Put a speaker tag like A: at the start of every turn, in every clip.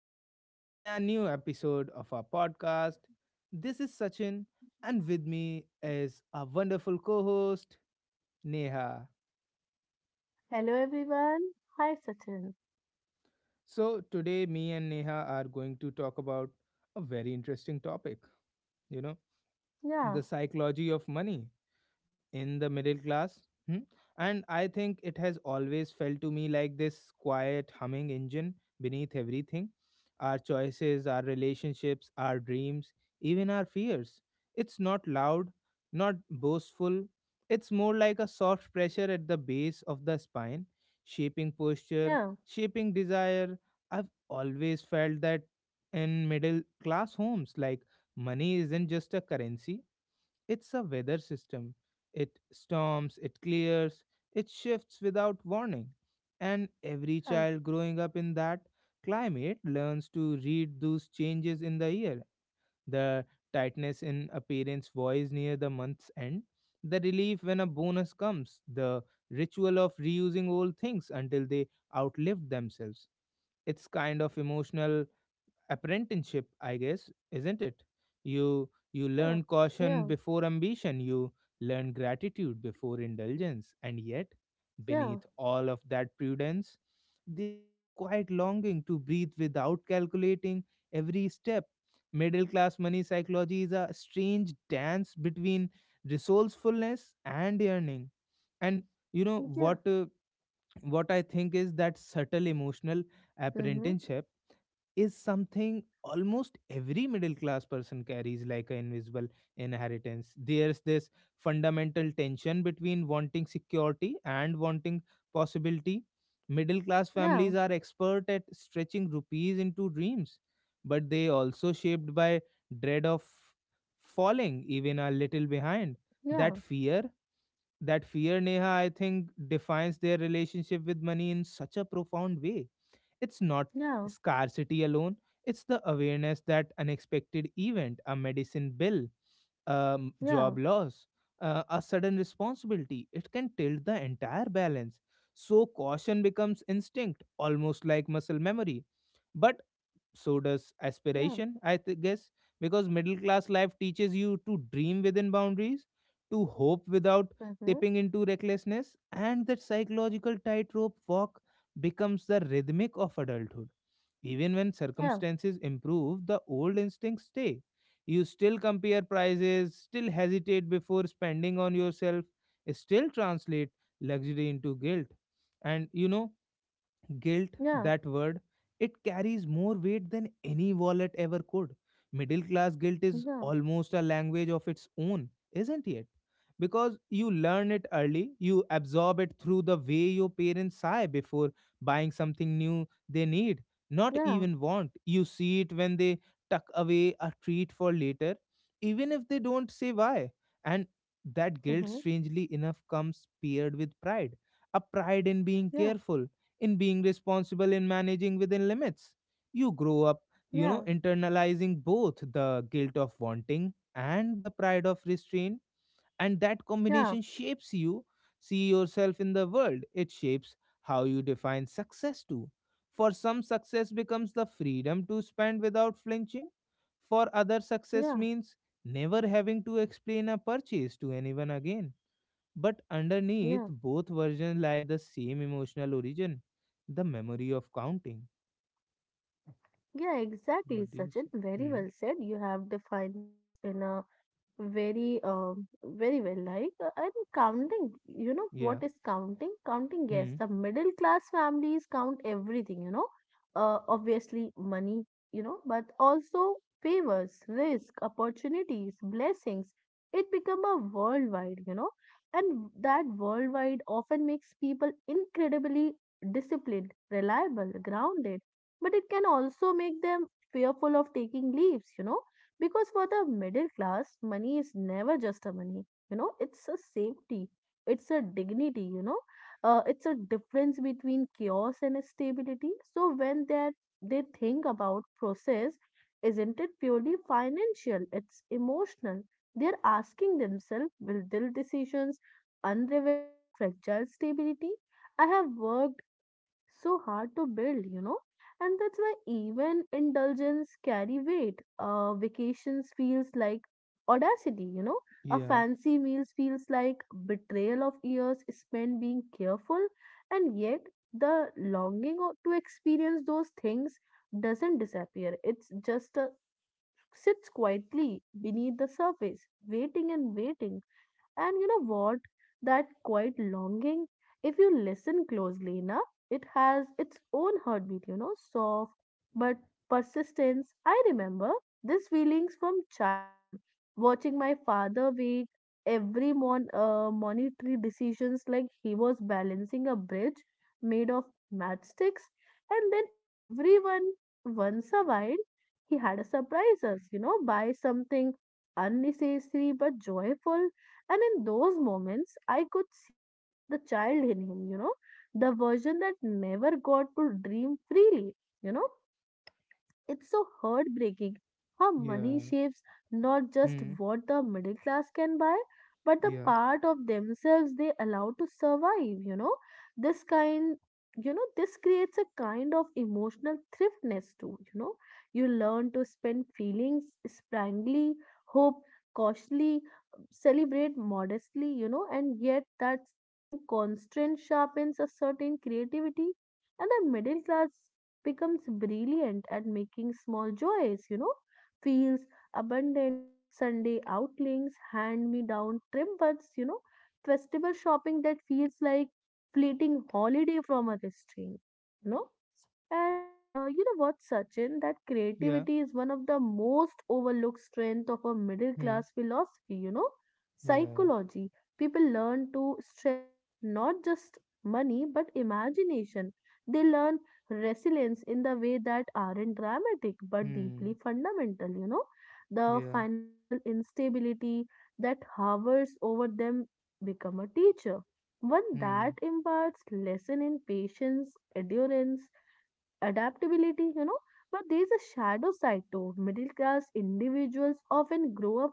A: series and a new episode of our podcast. This is Sachin, and with me is our wonderful co host, Neha.
B: Hello everyone. Hi Sachin.
A: Today, me and Neha are going to talk about a very interesting topic you know,
B: Yeah,
A: the psychology of money in the middle class. Hmm? And I think it has always felt to me like this quiet humming engine beneath everything, our choices, our relationships, our dreams, even our fears. It's not loud, not boastful. It's more like a soft pressure at the base of the spine, shaping posture,
B: yeah,
A: shaping desire. I've always felt that in middle class homes, like, money isn't just a currency, it's a weather system. It storms, it clears, it shifts without warning. And every child growing up in that climate learns to read those changes in the year, the tightness in a parent's voice near the month's end, the relief when a bonus comes, the ritual of reusing old things until they outlived themselves. It's kind of emotional apprenticeship, I guess, isn't it? You
B: yeah,
A: learn caution
B: yeah,
A: before ambition, you learn gratitude before indulgence, and yet
B: yeah, yeah,
A: beneath all of that prudence there's this quiet longing to breathe without calculating every step. Middle class money psychology is a strange dance between resourcefulness and yearning. And you know
B: yeah.
A: what uh, what I think is that subtle emotional
B: Mm-hmm.
A: apprenticeship is something almost every middle class person carries like an invisible inheritance. There's this fundamental tension between wanting security and wanting possibility. Middle class
B: Yeah,
A: families are expert at stretching rupees into dreams, but they also shaped by dread of falling even a little behind.
B: yeah,
A: That fear, that fear, Neha, I think defines their relationship with money in such a profound way. It's not scarcity alone, it's the awareness that unexpected event, a medicine bill,
B: yeah,
A: job loss, a sudden responsibility, it can tilt the entire balance. So caution becomes instinct, almost like muscle memory. But so does
B: yeah, yeah.
A: aspiration, guess, because middle class life teaches you to dream within boundaries, to hope without
B: Mm-hmm.
A: tipping into recklessness. And that psychological tightrope walk becomes the rhythmic of adulthood. Even when circumstances improve, the old instincts stay. You still compare prices, still hesitate before spending on yourself, still translate luxury into guilt. And you know, guilt,
B: Yeah,
A: that word, it carries more weight than any wallet ever could. Middle class guilt
B: yeah,
A: is
B: yeah,
A: almost a language of its own, isn't it? Because you learn it early, you absorb it through the way your parents sigh before buying something new they need, not
B: yeah.
A: even want. You see it when they tuck away a treat for later even if they don't say why. And that guilt,
B: Mm-hmm.
A: strangely enough, comes paired with pride, a pride in being
B: Yeah,
A: careful, in being responsible, in managing within limits. You grow up, you know,
B: yeah,
A: internalizing both the guilt of wanting and the pride of restraint, and that
B: yeah,
A: combination shapes you. See yourself in the world, it shapes how you define success too. For some, success becomes the freedom to spend without flinching. For others, success
B: yeah,
A: means never having to explain a purchase to anyone again. But underneath
B: yeah.
A: both versions lie the same emotional origin, the memory of counting.
B: Yeah, exactly,
A: What do you
B: Sachin.
A: say?
B: Very
A: Hmm.
B: well said. You have defined this in a very very well like and counting. You know
A: Yeah.
B: what is counting? Counting, yes,
A: Hmm.
B: the middle class families count everything, you know, obviously money, you know, but also favors, risk, opportunities, blessings. It become a worldwide, you know, and that worldwide often makes people incredibly disciplined, reliable, grounded, but it can also make them fearful of taking leaves, you know, because for the middle class, money is never just a money. You know, it's a safety, it's a dignity, you know, it's a difference between chaos and stability. So when they think about process, isn't it purely financial? It's emotional. They're asking themselves, will their decisions unravel the fragile stability I have worked so hard to build, you know? And that's why even indulgence carry weight. Vacations feels like audacity, you know. A
A: Yeah.
B: fancy meals feels like betrayal of years spent being careful, and yet the longing to experience those things doesn't disappear. It's just sits quietly beneath the surface, waiting and waiting. And you know what? That quiet longing, if you listen closely enough, it has its own heartbeat, you know, soft but persistence. I remember these feelings from childhood, watching my father wake every monetary decisions like he was balancing a bridge made of matchsticks, and then everyone once a while he had a surprise us, you know, by something unnecessary but joyful. And in those moments, I could see the child in him, you know, the version that never got to dream freely, you know. It's so heartbreaking how money
A: Yeah.
B: shapes not just
A: Hmm.
B: what the middle class can buy, but the
A: Yeah.
B: part of themselves they allow to survive, you know. This kind you know this creates a kind of emotional thriftness too, you know. You learn to spend feelings sprangly, hope cautiously, celebrate modestly, you know, and yet that same constraint sharpens a certain creativity, and the middle class becomes brilliant at making small joys, you know, feels abundant. Sunday outings, hand me down trim, you know, festival shopping that feels like fleeting holiday from a restraint, you know. And you know what, Sachin, that
A: Yeah.
B: creativity is one of the most overlooked strength of a middle
A: Hmm.
B: class philosophy, you know,
A: Yeah.
B: psychology. People learn to stretch not just money but imagination. They learn resilience in the way that aren't dramatic but deeply
A: Hmm.
B: fundamental, you know. The
A: Yeah.
B: financial instability that hovers over them become a teacher, one
A: Hmm.
B: that imparts lesson in patience, endurance, adaptability, you know. But there is a shadow side too. Middle class individuals often grow up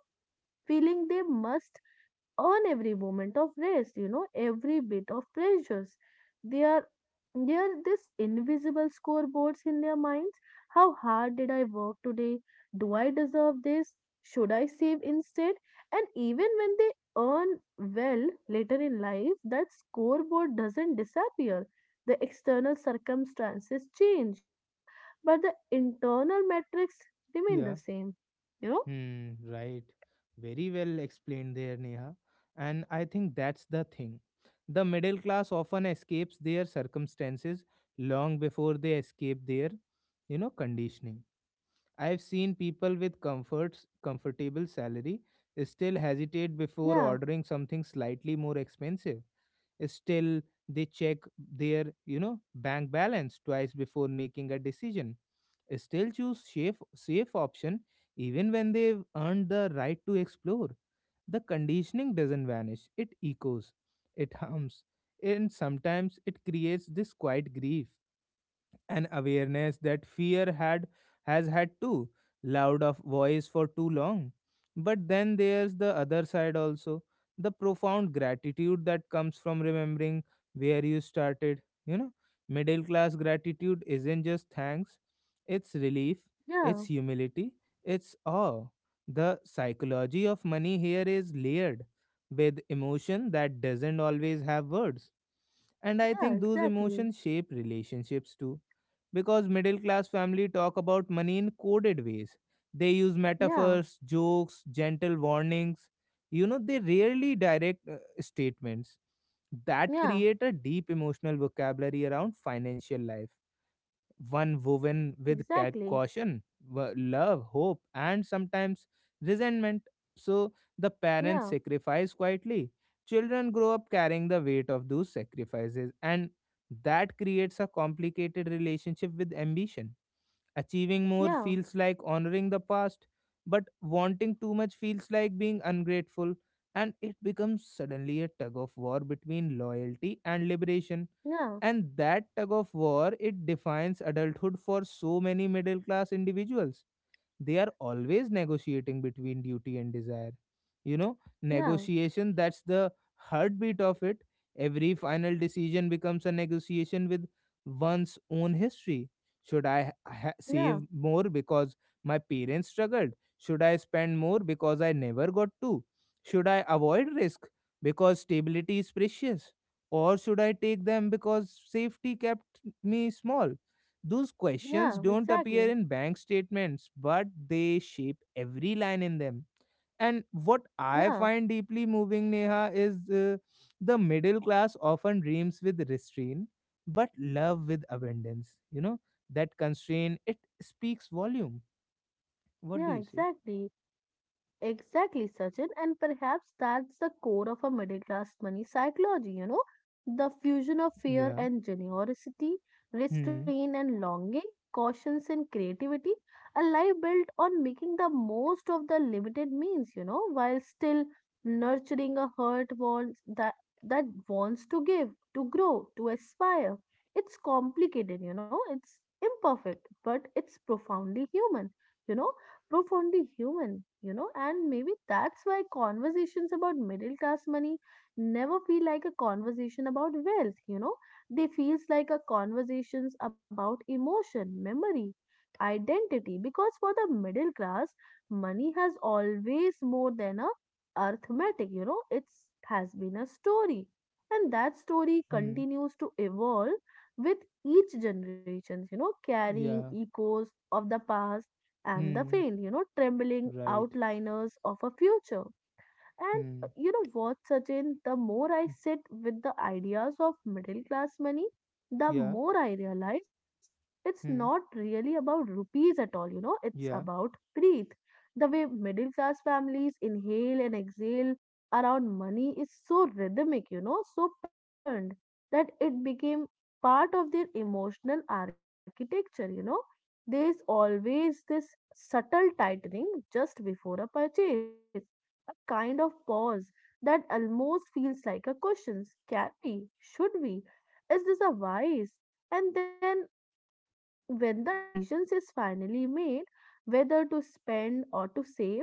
B: feeling they must earn every moment of rest, you know, every bit of pressures. They are they are this invisible scoreboards in their minds. How hard did I work today? Do I deserve this? Should I save instead? And even when they earn well later in life, that scoreboard doesn't disappear. The external circumstances change, you know, but the internal metrics remain
A: Yeah.
B: the same, you know?
A: Hmm. Right. Very well explained there, Neha. And I think that's the thing. The middle class often escapes their circumstances long before they escape their, you know, conditioning. I've seen people with comforts, comfortable salary, still hesitate before
B: Yeah,
A: ordering something slightly more expensive. Still, they check their, you know, bank balance twice before making a decision. Still choose safe option even when they've earned the right to explore. The conditioning doesn't vanish; it echoes, it hums, and sometimes it creates this quiet grief, an awareness that fear had has had too loud of voice for too long. But then there's the other side also, the profound gratitude that comes from remembering where you started, you know. Middle class gratitude isn't just thanks, it's relief, it's
B: yeah,
A: humility, it's awe. The psychology of money here is layered with emotion that doesn't always have words. And I
B: yeah,
A: think those
B: exactly.
A: emotions shape relationships too, because middle class family talk about money in coded ways. They use
B: Yeah.
A: metaphors, jokes, gentle warnings, you know, they rarely direct statements that
B: Yeah,
A: create a deep emotional vocabulary around financial life, one woven with
B: exactly.
A: caution, love, hope, and sometimes resentment. So the parents
B: Yeah,
A: sacrifice quietly. Children grow up carrying the weight of those sacrifices, and that creates a complicated relationship with ambition. Achieving more
B: yeah,
A: feels like honoring the past, but wanting too much feels like being ungrateful, and it becomes suddenly a tug of war between loyalty and liberation.
B: yeah,
A: And that tug of war, it defines adulthood for so many middle class individuals. They are always negotiating between duty and desire, you know,
B: yeah,
A: negotiation, that's the heartbeat of it. Every final decision becomes a negotiation with one's own history. Should
B: yeah,
A: save more because my parents struggled? Should I spend more because I never got to? Should I avoid risk because stability is precious, or should I take them because safety kept me small? Those
B: yeah,
A: questions don't
B: exactly.
A: appear in bank statements, but they shape every line in them. And what I
B: Yeah,
A: find deeply moving, Neha, is the middle class often dreams with restraint, but love with abundance. You know, that constraint, it speaks volume. What do
B: yeah,
A: you say?
B: exactly. Exactly, Sachin, and perhaps that's the core of a middle class money psychology, you know, the fusion of fear
A: Yeah.
B: and generosity,
A: Hmm.
B: restraint and longing, cautions and creativity, a life built on making the most of the limited means, you know, while still nurturing a heart wants that wants to give, to grow, to aspire. It's complicated, you know, it's imperfect, but it's profoundly human. You know, profoundly human, you know, and maybe that's why conversations about middle class money never feel like a conversation about wealth, you know. They feels like a conversations about emotion, memory, identity, because for the middle class, money has always more than a arithmetic, you know, it's has been a story. And that story
A: Hmm.
B: continues to evolve with each generation, you know, carrying
A: Yeah.
B: echoes of the past and the
A: Hmm.
B: faint, you know, trembling
A: Right.
B: outliners of a future. And
A: Hmm.
B: you know what, Sachin, the more I
A: Hmm.
B: sit with the ideas of middle class money, the
A: Yeah.
B: more I realize it's not
A: Hmm.
B: really about rupees at all, you know. It's
A: Yeah.
B: about breathe. The way middle class families inhale and exhale around money is so rhythmic, you know, so patterned that it became part of their emotional architecture, you know. There's always this subtle tightening just before a purchase, a kind of pause that almost feels like a question. Can we? Should we? Is this a wise? And then when the decisions is finally made, whether to spend or to save,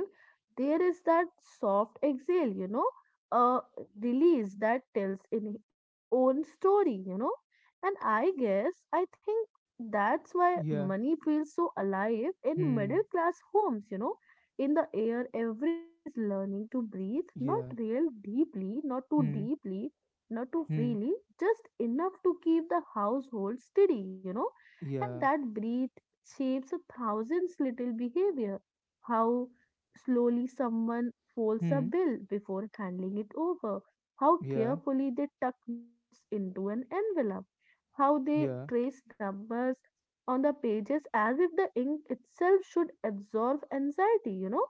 B: there is that soft exhale, you know, a release that tells in its own story, you know. And I think that's why
A: Yeah.
B: money feels so alive in
A: Hmm.
B: middle class homes, you know, in the air. Everyone is learning to breathe, not
A: Yeah.
B: real deeply, not too
A: Hmm.
B: deeply, not too
A: Hmm.
B: freely, just enough to keep the household steady, you know. And
A: Yeah.
B: that breath shapes a thousand's little behavior. How slowly someone folds a
A: Hmm.
B: bill before handing it over, how
A: Yeah,
B: carefully they tuck notes into an envelope, how they
A: yeah,
B: trace numbers on the pages as if the ink itself should absorb anxiety, you know.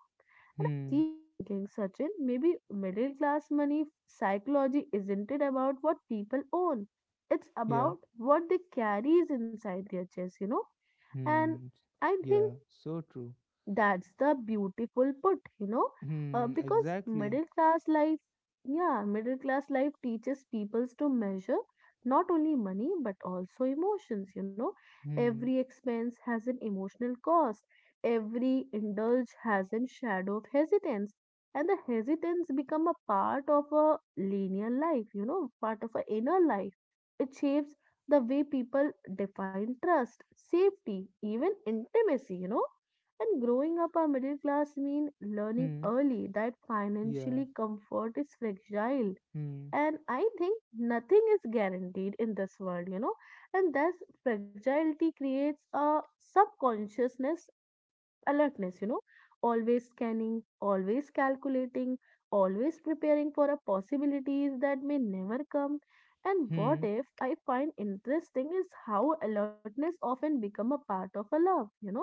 A: hmm,
B: Keep thinking, Sachin, maybe middle class money psychology isn't it about what people own. It's
A: yeah,
B: about what they carries inside their chest, you know. And
A: hmm,
B: I think
A: yeah, so true.
B: that's the beautiful put, you know,
A: Hmm,
B: because
A: exactly.
B: middle class life, yeah, middle class life teaches peoples to measure not only money but also emotions, you know. Every
A: Hmm,
B: expense has an emotional cost, every indulge has a shadow of hesitance, and the hesitance become a part of a linear life, you know, part of a inner life. It shapes the way people define trust, safety, even intimacy, you know. And growing up a middle class mean learning
A: hmm,
B: early that
A: yeah,
B: financially comfort is fragile.
A: hmm,
B: And I think nothing is guaranteed in this world, you know. And thus fragility creates a subconsciousness alertness, you know, always scanning, always calculating, always preparing for a possibilities that may never come. And what
A: hmm,
B: if I find interesting is how alertness often become a part of a love, you know?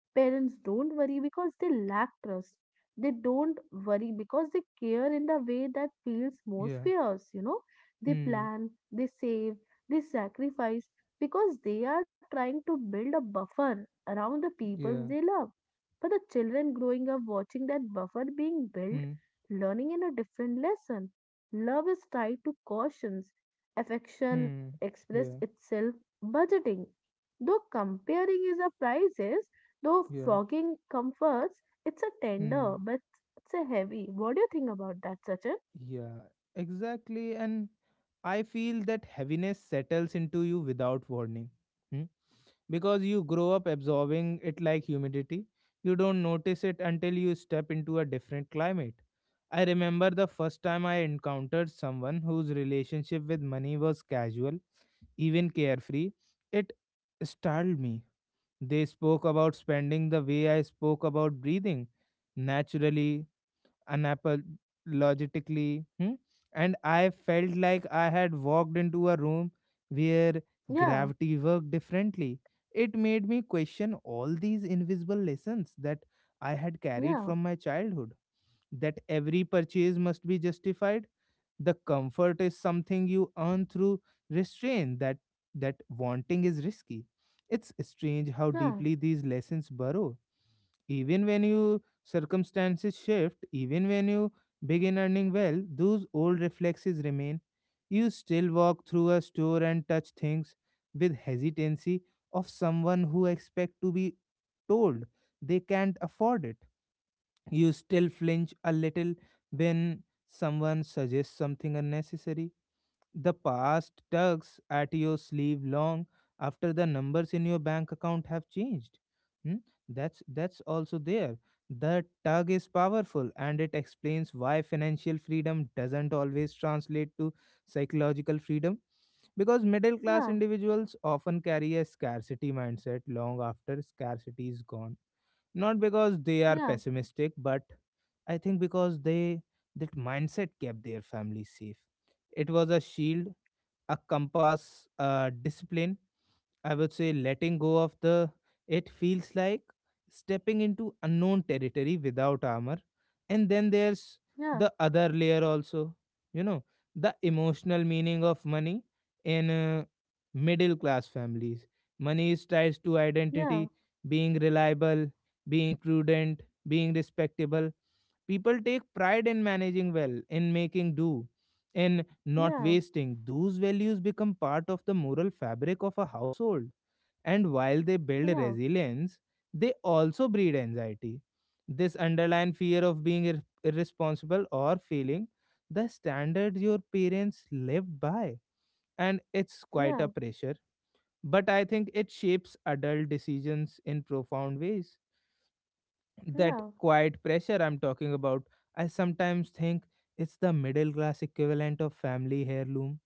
B: Parents don't worry because they lack trust. They don't worry because they care in the way that feels most
A: yeah,
B: fierce, you know? They
A: hmm,
B: plan, they save, they sacrifice because they are trying to build a buffer around the people
A: yeah,
B: they love, but the children growing up watching that buffer being built,
A: hmm,
B: learning in a different lesson. Love is tied to cautions, affection
A: hmm,
B: express
A: yeah,
B: itself, budgeting. Though comparing is a prices, though
A: yeah,
B: frogging comforts, it's a tender,
A: hmm.
B: but it's a heavy. What do you think about that, Sachin?
A: Yeah, exactly. And I feel that heaviness settles into you without warning. Hmm? Because you grow up absorbing it like humidity. You don't notice it until you step into a different climate. I remember the first time I encountered someone whose relationship with money was casual, even carefree. It startled me. They spoke about spending the way I spoke about breathing, naturally, unapologetically. Hmm? And I felt like I had walked into a room where
B: Yeah,
A: gravity worked differently. It made me question all these invisible lessons that I had carried
B: yeah,
A: from my childhood, that every purchase must be justified. The comfort is something you earn through restraint, that wanting is risky. It's strange how
B: yeah,
A: deeply these lessons burrow even when you circumstances shift, even when you begin earning well, those old reflexes remain. You still walk through a store and touch things with hesitancy of someone who expect to be told they can't afford it. You still flinch a little when someone suggests something unnecessary. The past tugs at your sleeve long after the numbers in your bank account have changed. Hmm? That's also there. The tug is powerful, and it explains why financial freedom doesn't always translate to psychological freedom, because middle class
B: yeah,
A: individuals often carry a scarcity mindset long after scarcity is gone, not because they are
B: yeah,
A: pessimistic, but I think because they that mindset kept their family safe. It was a shield, a compass, discipline, I would say. Letting go of the it feels like stepping into unknown territory without armor. And then there's the other layer also, you know, the emotional meaning of money in middle class families. Money is tied to
B: yeah,
A: identity, being reliable, being prudent, being respectable. People take pride in managing well, in making do, in not
B: yeah,
A: wasting. Those values become part of the moral fabric of a household. And while they build
B: yeah,
A: resilience, they also breed anxiety. This underlying fear of being irresponsible or failing the standards your parents lived by. And it's quite
B: yeah,
A: a pressure. But I think it shapes adult decisions in profound ways, that
B: yeah,
A: quiet pressure I'm talking about. I sometimes think it's the middle class equivalent of family heirloom,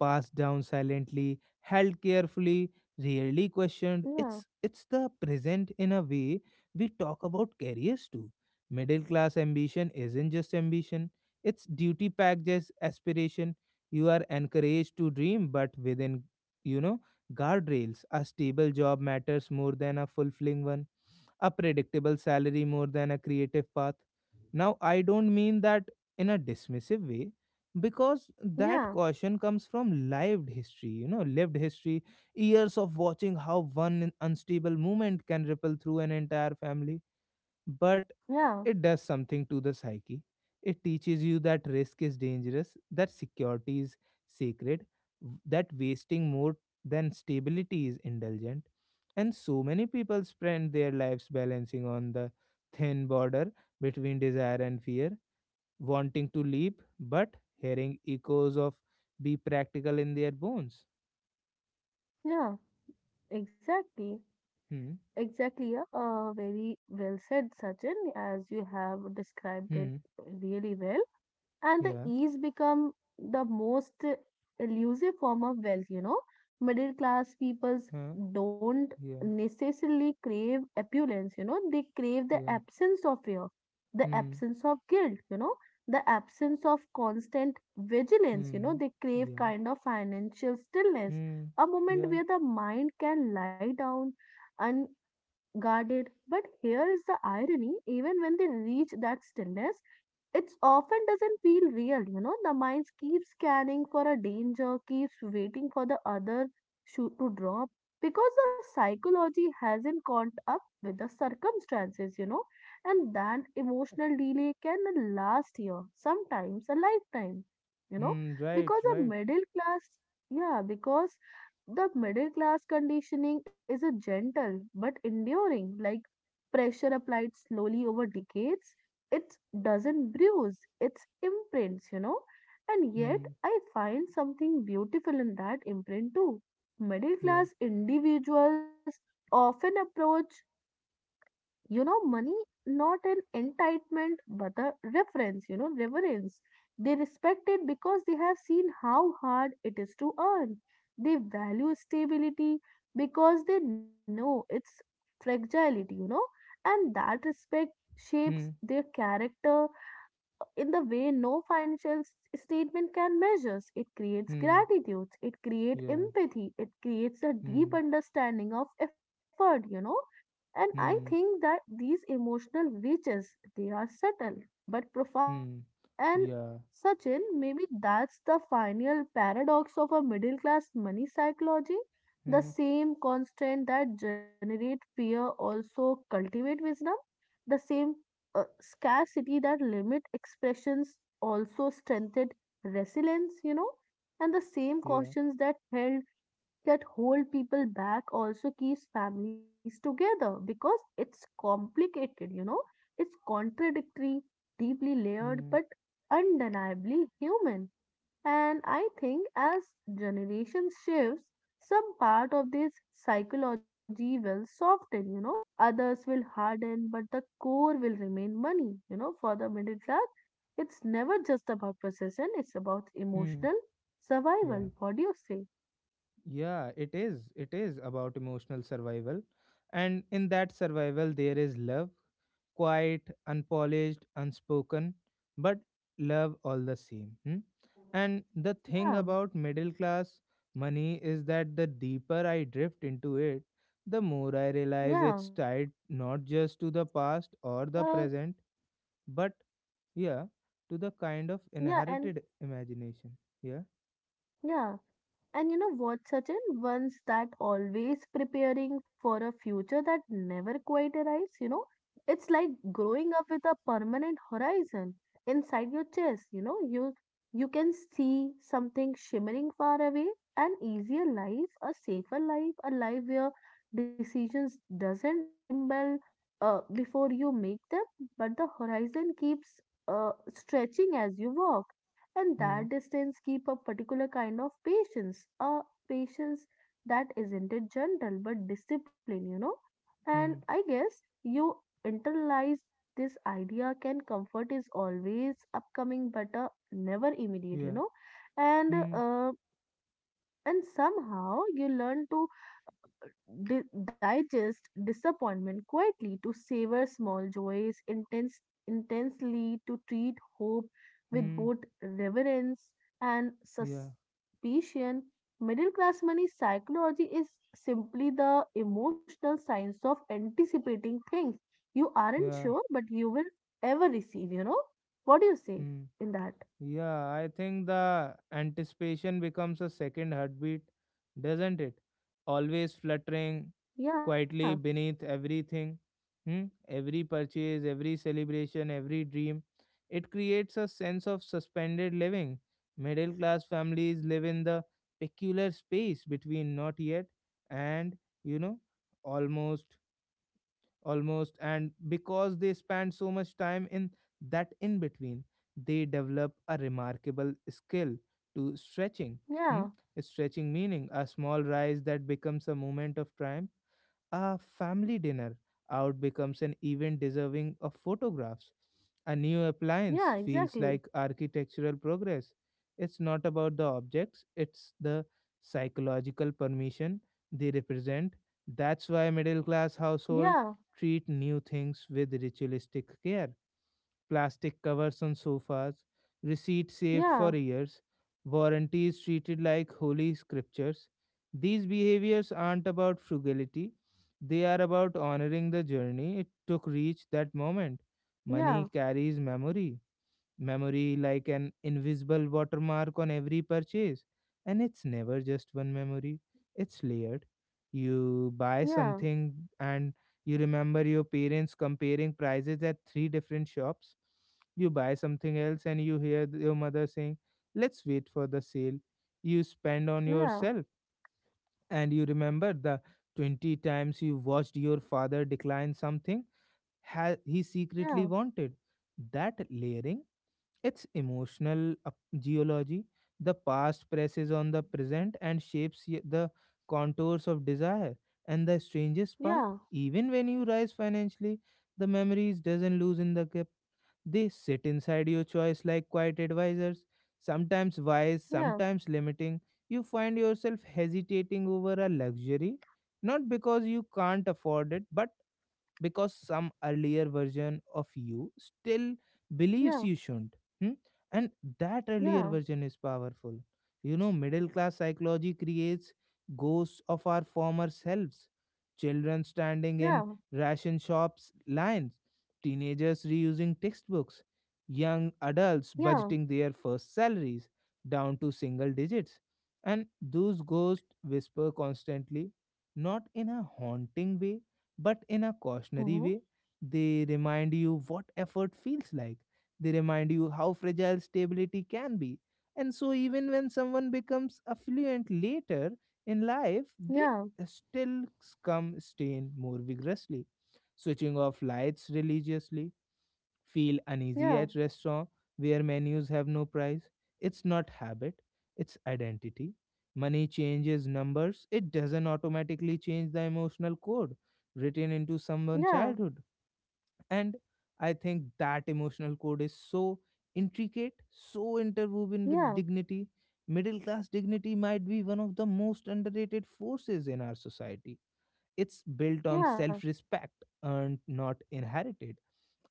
A: passed down silently, held carefully, rarely questioned.
B: yeah,
A: It's the present in a way we talk about careers too. Middle class ambition isn't just ambition; it's duty packed as aspiration. You are encouraged to dream, but within, you know, guardrails. A stable job matters more than a fulfilling one, a predictable salary more than a creative path. Now, I don't mean that in a dismissive way, because
B: yeah,
A: that
B: yeah,
A: caution comes from lived history, you know, lived history, years of watching how one unstable movement can ripple through an entire family. But
B: yeah,
A: it does something to the psyche. It teaches you that risk is dangerous, that security is sacred, that wasting more than stability is indulgent. And so many people spend their lives balancing on the thin border between desire and fear, wanting to leap, but hearing echoes of be practical in their bones.
B: yeah, exactly,
A: Hmm,
B: exactly. Yeah. Very well said, Sachin, as you have described it
A: hmm,
B: really well, and the
A: yeah,
B: ease become the most elusive form of wealth, you know. Middle class peoples
A: huh,
B: don't
A: yeah,
B: necessarily crave opulence, you know, they crave the
A: yeah,
B: absence of fear, the
A: hmm,
B: absence of guilt, you know, the absence of constant vigilance, you
A: hmm,
B: know. They crave
A: yeah,
B: kind of financial stillness,
A: hmm.
B: a
A: Yeah.
B: moment where the mind can lie down unguarded. But here is the irony, even when they reach that stillness, it's often doesn't feel real, you know. The mind keeps scanning for a danger, keeps waiting for the other shoe to drop, because the psychology hasn't caught up with the circumstances, you know. And that emotional delay can last year, sometimes a lifetime, you know.
A: Hmm. Right.
B: because a
A: Right.
B: middle class yeah because the middle class conditioning is a gentle but enduring like pressure applied slowly over decades. It doesn't bruise, it's imprints, you know. And yet,
A: Hmm.
B: I find something beautiful in that imprint too. Middle
A: Yeah.
B: class individuals often approach, you know, money not an entitlement but a reference, you know, reverence. They respect it because they have seen how hard it is to earn. They value stability because they know its fragility, you know, and that respect shapes
A: Hmm.
B: their character in the way no financial statement can measure. It creates
A: Hmm.
B: gratitude, it creates
A: Yeah.
B: empathy, it creates a deep
A: Hmm.
B: understanding of effort, you know. And I think
A: Hmm.
B: that these emotional reaches, they are subtle but profound.
A: Hmm.
B: And
A: Yeah.
B: Sachin, maybe that's the final paradox of a middle class money psychology. The
A: Hmm.
B: same constant that generate fear also cultivate wisdom. The same scarcity that limit expressions also strengthened resilience, you know, and the same
A: Yeah.
B: cautions that held that hold people back also keeps families together. Because it's complicated, you know, it's contradictory, deeply layered,
A: Hmm.
B: but undeniably human. And I think as generations shifts, some part of this psychology will soften, you know, others will harden, but the core will remain money, you know, for the middle class. It's never just about possession, it's about
A: Hmm.
B: emotional
A: Yeah.
B: survival. What do you say?
A: Yeah. It is. It is about emotional survival, and in that survival there is love, quiet, unpolished, unspoken, but love all the same. Hmm? And the thing
B: Yeah,
A: about middle class money is that the deeper I drift into it, the more I realize
B: yeah.
A: it's tied not just to the past or the
B: Uh,
A: present, but yeah, to the kind of
B: yeah, and
A: inherited imagination. Yeah.
B: yeah, and you know what, Sachin? Once that always preparing for a future that never quite arrives, you know, it's like growing up with a permanent horizon inside your chest, you know, you can see something shimmering far away, an easier life, a safer life, a life where decisions doesn't tremble before you make them, but the horizon keeps stretching as you walk and
A: Hmm.
B: that distance keep a particular kind of patience a patience that isn't it gentle but discipline, you know, and
A: Hmm.
B: i guess you internalize this idea can comfort is always upcoming but never immediate, you
A: Yeah.
B: know, and
A: Hmm.
B: uh, and somehow you learn to digest disappointment quietly, to savor small intensely, to treat hope with
A: Hmm.
B: both reverence and
A: Yeah.
B: suspicion. Middle class money psychology is simply the emotional science of anticipating things you aren't
A: Yeah.
B: sure but you will ever receive, you know? What do you say
A: Hmm.
B: in that?
A: Yeah, I think the anticipation becomes a second heartbeat, doesn't it? Always fluttering
B: Yeah,
A: quietly beneath everything. Hmm? Every purchase, every celebration, every dream. It creates a sense of suspended living. Middle class families live in the peculiar space between not yet and, you know, almost almost and because they spend so much time in that in between, they develop a remarkable skill to stretching. Hmm?
B: yeah,
A: Stretching meaning a small rise that becomes a moment of triumph, a family dinner out becomes an event deserving of photographs. A new
B: yeah,
A: appliance feels
B: exactly.
A: like architectural progress. It's not about the objects, it's the psychological permission they represent. That's why middle class
B: Yeah,
A: households treat new things with ritualistic care: plastic covers on sofas, receipts saved for
B: yeah,
A: years, warranties treated like holy scriptures. These behaviors aren't about frugality, they are about honoring the journey it took to reach that moment.
B: yeah,
A: Money carries memory, memory like an invisible watermark on every purchase. And it's never just one memory, it's layered. You buy
B: yeah,
A: something and you remember your parents comparing prices at three different shops. You buy something else and you hear your mother saying, "Let's wait for the sale." You spend on
B: yeah,
A: yourself and you remember the 20 times you watched your father decline something he
B: yeah.
A: secretly wanted. That layering, it's emotional geology. The past presses on the present and shapes the contours of desire. And the strangest part,
B: Yeah,
A: even when you rise financially, the memories doesn't lose in the cup. They sit inside your choice like quiet advisors, sometimes wise,
B: yeah,
A: sometimes limiting. You find yourself hesitating over a luxury, not because you can't afford it, but because some earlier version of you still
B: yeah,
A: believes you shouldn't. Hmm? And that earlier
B: yeah,
A: version is powerful. You know, middle class psychology creates ghosts of our former selves. Children standing
B: yeah,
A: in ration shops lines, teenagers reusing textbooks, young adults
B: yeah.
A: budgeting their first salaries down to single digits. And those ghosts whisper constantly, not in a haunting way but in a
B: Mm-hmm.
A: cautionary way. They remind you what effort feels like. They remind you how fragile stability can be. And so, even when someone becomes affluent later in life, they
B: Yeah,
A: still come stain more vigorously, switching off lights religiously, feel uneasy
B: yeah,
A: at restaurant where menus have no price. It's not habit, it's identity. Money changes numbers, it doesn't automatically change the emotional code written into someone's
B: yeah,
A: childhood. And I think that emotional code is so intricate, so interwoven
B: yeah,
A: with dignity. Middle class dignity might be one of the most underrated forces in our society. It's built on
B: yeah,
A: self respect, earned, not inherited.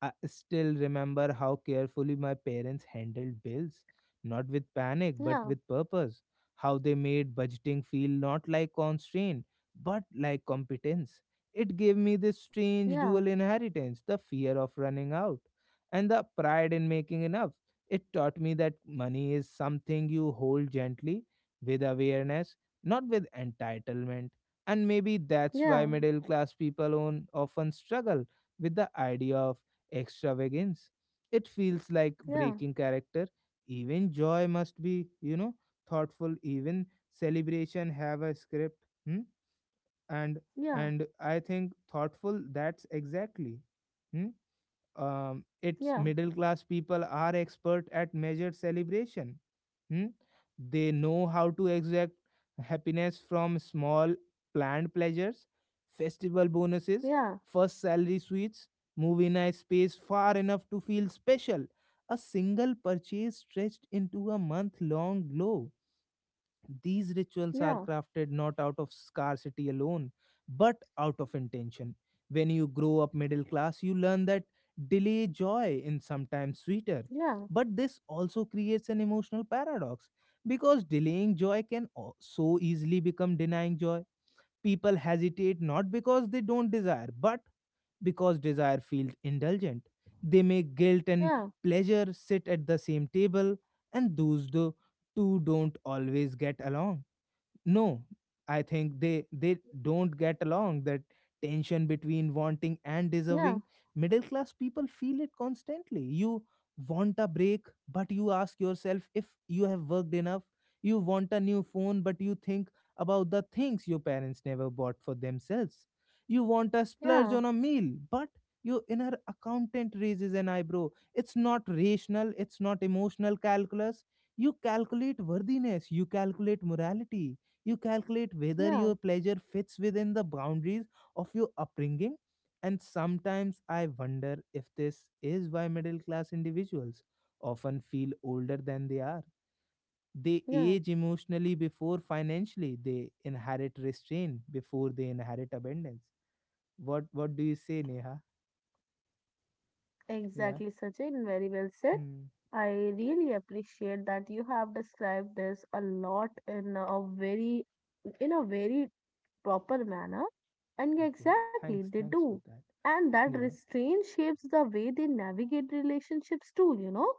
A: I still remember how carefully my parents handled bills, not with panic, but
B: yeah,
A: with purpose. How they made budgeting feel not like constraint, but like competence. It gave me this
B: yeah,
A: strange dual inheritance, the fear of running out and the pride in making enough. It taught me that money is something you hold gently, with awareness, not with entitlement. And maybe that's
B: yeah,
A: why middle class people own, often struggle with the idea of extravagance. It feels like
B: yeah,
A: breaking character. Even joy must be, you know, thoughtful. Even celebration have a script. Hmm? And
B: yeah, yeah,
A: and I think thoughtful. That's exactly. Hmm?
B: yeah,
A: It's middle class people are expert at measured celebration. Hmm? They know how to exact happiness from small planned pleasures, festival
B: yeah,
A: bonuses,
B: yeah,
A: first salary sweets, movie night space far enough to feel special. A single purchase stretched into a month long glow. These rituals are
B: yeah,
A: crafted not out of scarcity alone, but out of intention. When you grow up middle class, you learn that delay joy in sometimes sweeter. But this also creates an emotional paradox, because delaying joy can so easily become denying joy. People hesitate not because they don't desire, but because desire feels indulgent. They make guilt and pleasure sit at the same table, and those two don't always get along. No, I think they don't get along. That tension between wanting and deserving, middle class people feel it constantly. You want a break but you ask yourself if you have worked enough. You want a new phone but you think about the things your parents never bought for themselves. You want a
B: yeah, yeah,
A: splurge on a meal but your inner accountant raises an eyebrow. It's not rational, it's not emotional calculus. You calculate worthiness, you calculate morality, you calculate whether
B: yeah,
A: your pleasure fits within the boundaries of your upbringing. And sometimes I wonder if this is why middle class individuals often feel older than they are. They
B: yeah.
A: age emotionally before financially, they inherit restraint before they inherit abundance. What do you say, Neha? Yeah.
B: Exactly, Sachin. Very well said.
A: Hmm.
B: I really appreciate that you have described this a lot in a very proper manner. And
A: Okay.
B: exactly, they
A: Thanks. Thanks
B: do.
A: for that.
B: And that
A: Yeah.
B: restraint shapes the way they navigate relationships too, you know.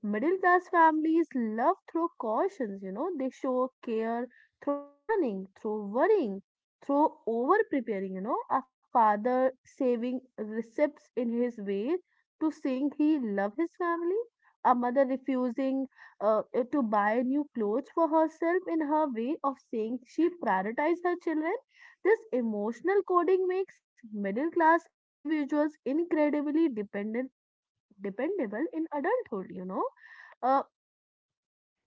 B: Middle class families love through cautions, you know, they show care through planning, through worrying, through over preparing, you know. A father saving receipts in his way to saying he love his family. A mother refusing to buy new clothes for herself in her way of saying she prioritizes her children. This emotional coding makes middle class individuals incredibly dependent dependable in adulthood, you know, uh,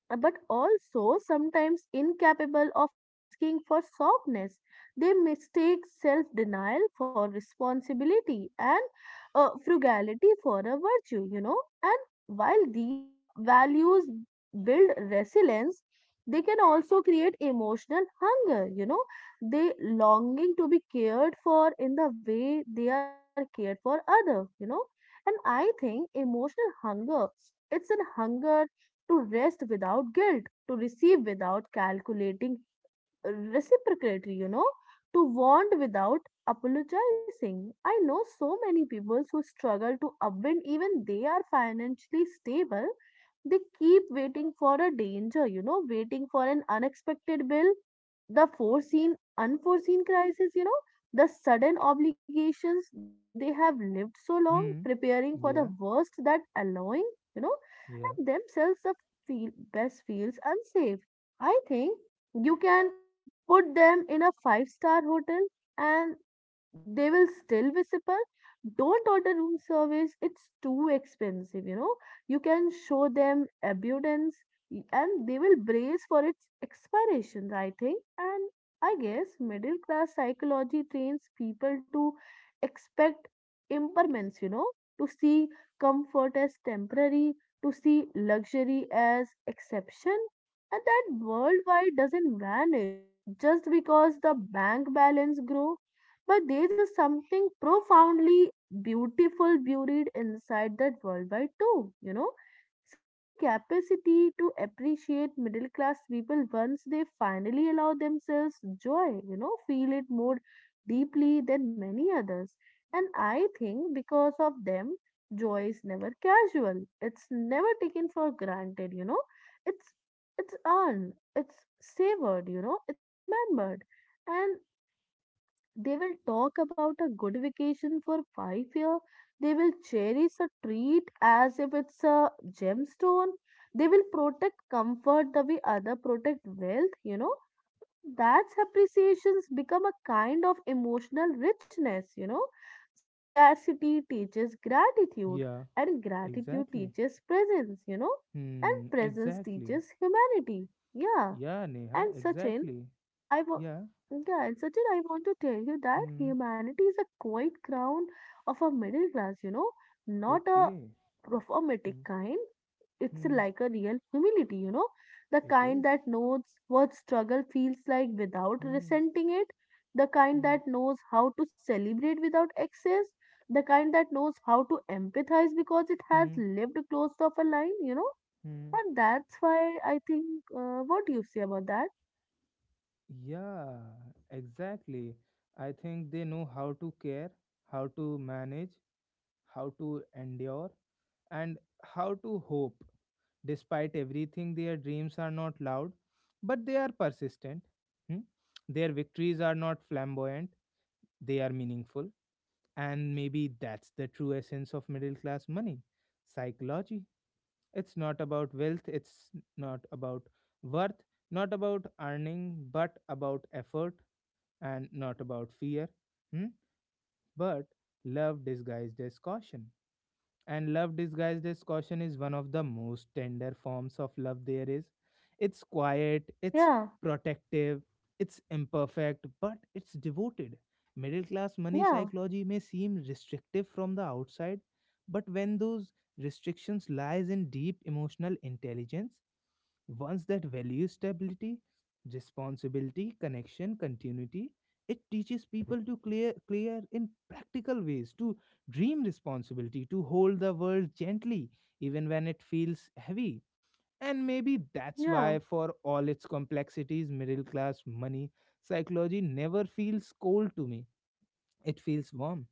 B: but also sometimes incapable of asking for softness. They mistake self denial for responsibility and frugality for a virtue, you know. And while these values build resilience, they can also create emotional hunger, you know, they longing to be cared for in the way they are cared for other, you know. And I think emotional hunger, it's a hunger to rest without guilt, to receive without calculating reciprocatory, you know, to want without apologizing. I know so many people who struggle to upwind, even they are financially stable. They keep waiting for a danger, you know, waiting for an unexpected bill, the foreseen, unforeseen crisis, you know, the sudden obligations. They have lived so long
A: Hmm.
B: preparing for the
A: Yeah.
B: worst that allowing, you know,
A: Yeah.
B: and themselves best feels unsafe. I think you can put them in a five-star hotel and they will still be simple. Don't order room service, it's too expensive, you know. You can show them abundance and they will brace for its expiration, I think. And I guess middle class psychology trains people to expect impermanence, you know, to see comfort as temporary, to see luxury as exception. And that worldwide doesn't vanish just because the bank balance grow but there is something profoundly beautiful buried inside that worldwide too, you know. Such in the capacity to appreciate middle class people once they finally allow themselves joy, you know, feel it more deeply than many others. And I think because of them, joy is never casual. It's never taken for granted, you know. It's it's earned, it's savored, you know, it's remembered. And they will talk about a good vacation for 5 years. They will cherish a treat as if it's a gemstone. They will protect comfort the way other protect wealth, you know. That's appreciations become a kind of emotional richness, you know. Scarcity teaches gratitude
A: Yeah.
B: and gratitude
A: Exactly.
B: teaches presence, you know, and
A: Hmm.
B: presence
A: Exactly.
B: teaches humanity. Yeah.
A: Yeah, Neha,
B: And Sachin,
A: exactly.
B: I wa-
A: Yeah.
B: yeah, and Sachin, I want to tell you that
A: Hmm.
B: humanity is a quiet crown of a middle class, you know, not a
A: Okay.
B: performatic
A: Hmm.
B: kind. It's
A: Hmm.
B: like a real humility, you know, the
A: It
B: kind
A: is.
B: that knows what struggle feels like without
A: Hmm.
B: resenting it, the kind
A: Hmm.
B: that knows how to celebrate without excess, the kind that knows how to empathize because it has
A: Hmm.
B: lived close to a line, you know,
A: Hmm.
B: and that's why I think, what do you say about that?
A: Yeah, exactly. I think they know how to care, how to manage, how to endure, and how to hope. Despite everything, their dreams are not loud, but they are persistent. Hmm? Their victories are not flamboyant, they are meaningful. And maybe that's the true essence of middle class money psychology. It's not about wealth, it's not about worth, not about earning, but about effort, and not about fear, hmm? But love disguised as caution. And love disguised as caution is one of the most tender forms of love there is. It's quiet, it's
B: Yeah,
A: protective, it's imperfect, but it's devoted. Middle class money
B: yeah.
A: psychology may seem restrictive from the outside, but when those restrictions lies in deep emotional intelligence, once that value stability, responsibility, connection, continuity, it teaches people to clear in practical ways, to dream responsibility, to hold the world gently, even when it feels heavy. And maybe that's
B: Yeah,
A: why, for all its complexities, middle class money psychology never feels cold to me. It feels warm,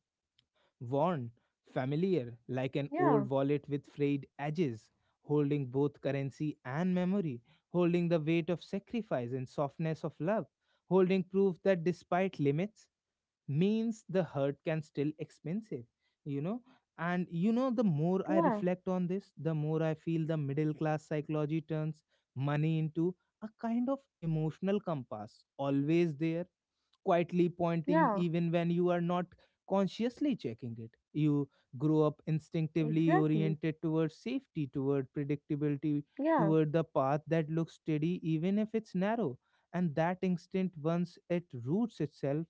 A: worn, familiar, like an
B: yeah,
A: old wallet with frayed edges, holding both currency and memory, holding the weight of sacrifice and softness of love, holding proof that despite limits, means the hurt can still expensive. You know, and you know, the more
B: yeah,
A: I reflect on this the more I feel the middle class psychology turns money into a kind of emotional compass, always there, quietly pointing
B: yeah,
A: even when you are not consciously checking it. You grow up instinctively
B: exactly.
A: oriented towards safety, toward predictability,
B: Yeah,
A: toward the path that looks steady even if it's narrow. And that instinct, once it roots itself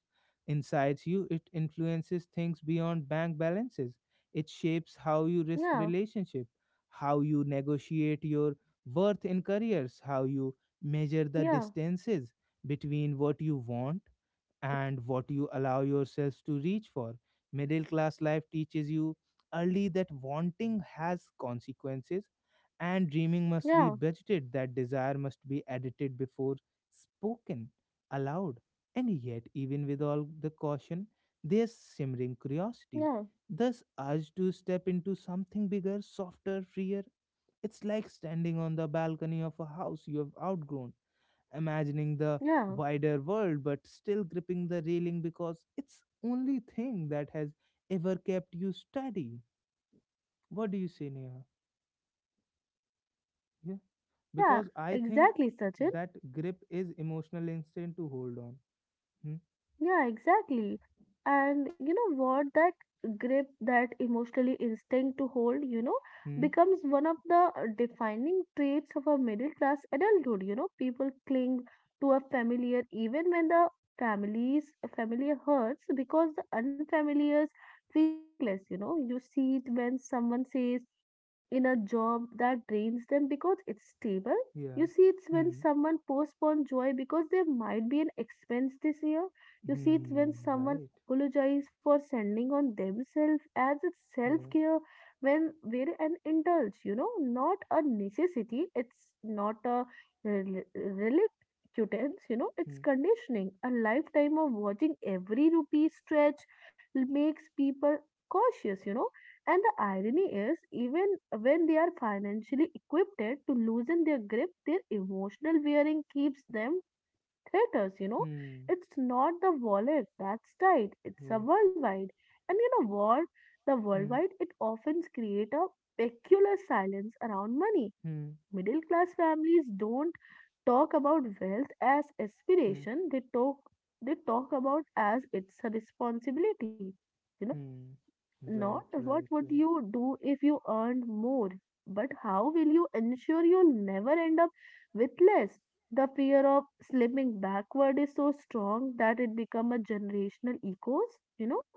A: insides you, it influences things beyond bank balances. It shapes how you
B: yeah,
A: risk relationship, how you negotiate your worth in careers, how you measure the
B: yeah,
A: distances between what you want and what you allow yourselves to reach for. Middle class life teaches you early that wanting has consequences and dreaming must be
B: yeah,
A: budgeted, that desire must be edited before spoken aloud. And yet, even with all the caution, there's simmering
B: yeah,
A: curiosity, this urge to step into something bigger, softer, freer. It's like standing on the balcony of a house you have outgrown, imagining the
B: yeah,
A: wider world but still gripping the railing because it's only thing that has ever kept you steady. What do you say, Neha? Yeah,
B: yeah,
A: because I think
B: exactly, Sachin.
A: that grip is emotional instinct to hold on. Hmm.
B: Yeah, exactly. And you know what? That grip, that emotionally instinct to hold, you know,
A: Hmm.
B: becomes one of the defining traits of a middle class adulthood. You know, people cling to a familiar even when the families familiar hurts because the unfamiliars feel reckless. You know, you see it when someone says, in a job that drains them because it's stable. You
A: Yeah.
B: see, it's when
A: Hmm.
B: someone postpones joy because there might be an expense this year. You see, it's when
A: Hmm,
B: someone
A: right.
B: apologizes for sending on themselves as it's self
A: Yeah.
B: care when we're an indulge, you know, not a necessity, it's not a reluctance, you know, it's
A: Hmm.
B: conditioning. A lifetime of watching every rupee stretch makes people cautious, you know, and the irony is, even when they are financially equipped to loosen their grip, their emotional wearing keeps them traitors, you know.
A: Hmm.
B: It's not the wallet that's tight, it's
A: Yeah.
B: a worldwide. And you know what? The
A: Hmm.
B: worldwide, it often creates a peculiar silence around money.
A: Hmm.
B: Middle class families don't talk about wealth as
A: Hmm.
B: aspiration, they talk about as it's a responsibility. You know
A: Hmm.
B: not
A: Right,
B: what
A: right,
B: would
A: right.
B: you do if you earned more, but how will you ensure you'll never end up with less? The fear of slipping backward is so strong that it becomes a generational ecos. You know,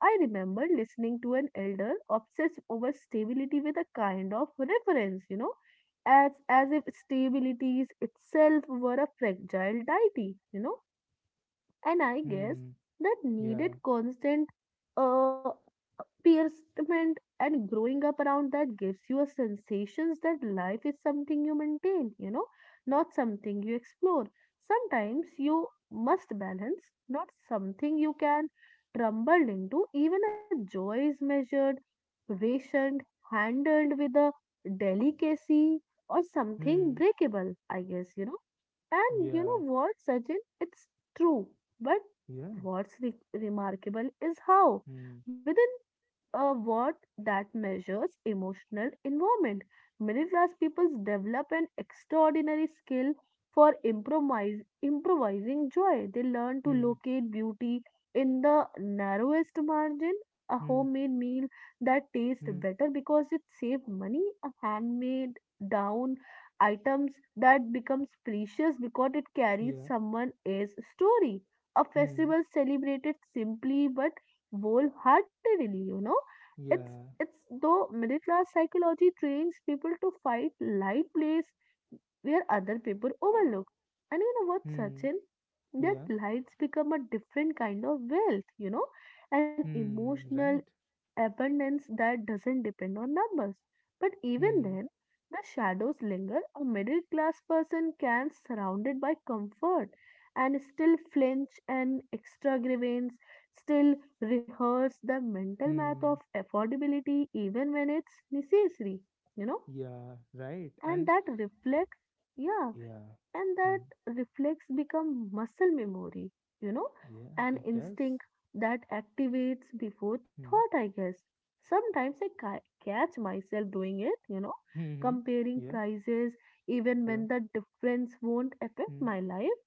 B: I remember listening to an elder obsessed over stability with a kind of reference, you know, as if stability is itself were a fragile deity, you know, and I guess
A: Hmm.
B: that
A: Yeah.
B: needed constant uh, piercement and growing up around that gives you a sensations that life is something you maintain, you know, not something you explore. Sometimes you must balance, not something you can tumble into. Even a joy is measured, rationed, handled with a delicacy or something
A: Hmm.
B: breakable, I guess, you know. And you
A: Yeah.
B: know what, Sachin? It's true. But
A: Yeah.
B: what's remarkable is how,
A: Hmm.
B: within a word that measures emotional involvement. Middle class people develop an extraordinary skill for improvising joy. They learn to
A: Hmm.
B: locate beauty in the narrowest margin, a
A: Hmm.
B: homemade meal that tastes
A: Hmm.
B: better because it saves money, a handmade down items that becomes precious because it carries
A: Yeah.
B: someone else's story. A
A: Hmm.
B: festival celebrated simply but wholeheartedly, you know. It's
A: Yeah.
B: it's though middle class psychology trains people to fight light place where other people overlook. And you know what,
A: Hmm.
B: Sachin? That
A: Yeah.
B: lights become a different kind of wealth, you know, an
A: Hmm.
B: emotional
A: Right.
B: abundance that doesn't depend on numbers. But even
A: Hmm.
B: then, the shadows linger. A middle class person can surrounded by comfort and still flinch and extravagance, still rehearse the mental math of
A: Hmm.
B: affordability even when it's necessary, you know,
A: Yeah. Right.
B: and
A: And
B: that reflects, yeah,
A: yeah.
B: and that
A: Hmm.
B: reflex become muscle memory, you know,
A: Yeah.
B: an
A: It does.
B: instinct that activates before thought,
A: Hmm.
B: I guess. Sometimes I catch myself doing it, you know,
A: Hmm. Hmm.
B: comparing
A: Yeah.
B: prices even
A: Yeah.
B: when the difference won't affect
A: Hmm.
B: my life,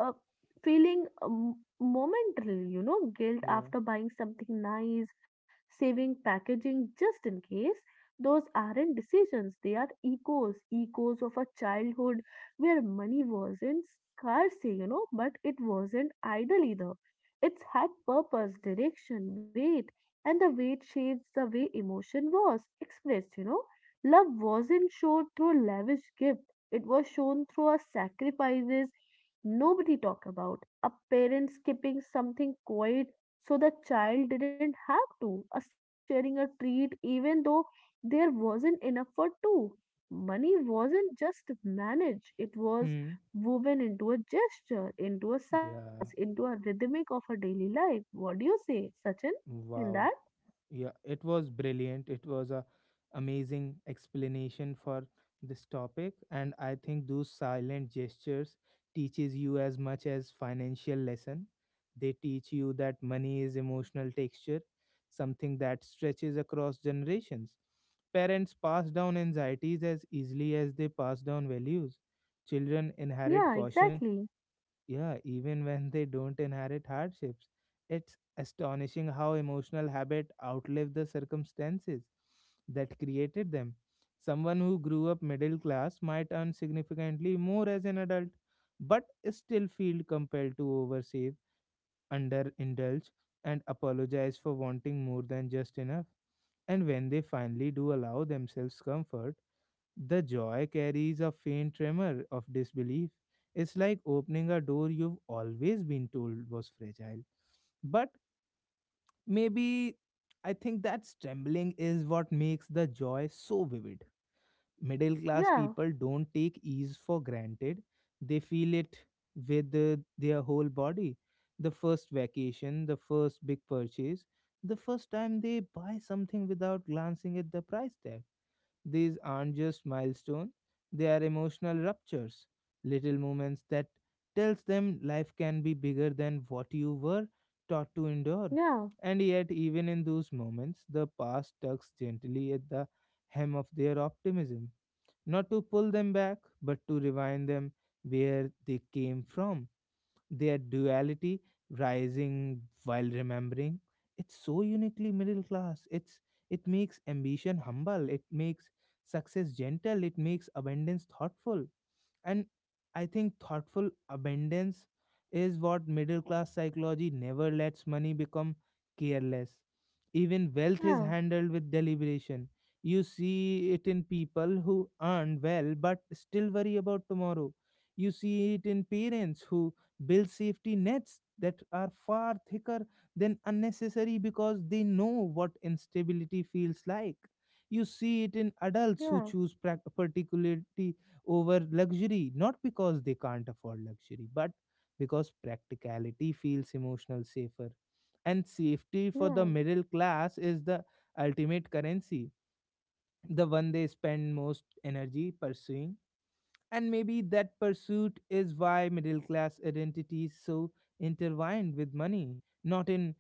B: uh, feeling momentarily, you know, guilt
A: Yeah.
B: after buying something nice, saving packaging just in case those aren't decisions, they are echoes, echoes of a childhood where money wasn't scarcity, you know, but it wasn't idle either. It's had purpose, direction, weight, and the weight shapes the way emotion was expressed, you know. Love wasn't shown through lavish gift, it was shown through our sacrifices nobody talk about. A parent skipping something quiet so the child didn't have to. A sibling sharing a treat even though there wasn't enough for two money wasn't just managed, it was
A: Hmm.
B: woven into a gesture, into a
A: Yeah.
B: silence, into a rhythmic of a daily life. What do you say, Sachin, in that?
A: Wow. Yeah, it was brilliant. It was a amazing explanation for this topic, and I think those silent gestures teaches you as much as financial lesson. They teach you that money is emotional texture, something that stretches across generations. Parents pass down anxieties as easily as they pass down values. Children inherit
B: Yeah,
A: caution,
B: exactly.
A: yeah, even when they don't inherit hardships. It's astonishing how emotional habit outlive the circumstances that created them. Someone who grew up middle class might earn significantly more as an adult, but still feel compelled to oversave, underindulge, and apologize for wanting more than just enough. And when they finally do allow themselves comfort, the joy carries a faint tremor of disbelief. It's like opening a door you've always been told was fragile. But maybe I think that trembling is what makes the joy so vivid. Middle class
B: Yeah,
A: people don't take ease for granted, they feel it with their whole body. The first vacation, the first big purchase, the first time they buy something without glancing at the price tag, these aren't just milestones, they are emotional ruptures, little moments that tells them life can be bigger than what you were taught to endure.
B: yeah,
A: And yet, even in those moments, the past tugs gently at the hem of their optimism, not to pull them back, but to rewind them where they came from, their duality, rising while remembering. It's so uniquely middle class, it's it makes ambition humble, it makes success gentle, it makes abundance thoughtful. And I think thoughtful abundance is what middle class psychology never lets money become careless. Even wealth is
B: yeah,
A: handled with deliberation. You see it in people who earn well but still worry about tomorrow. You see it in parents who build safety nets that are far thicker than unnecessary because they know what instability feels like. You see it in adults who
B: yeah,
A: choose particularly over luxury, not because they can't afford luxury, but because practicality feels emotional safer. And safety for the
B: yeah,
A: middle class is the ultimate currency, the one they spend most energy pursuing. And maybe that pursuit is why middle class identity is so intertwined with money, not in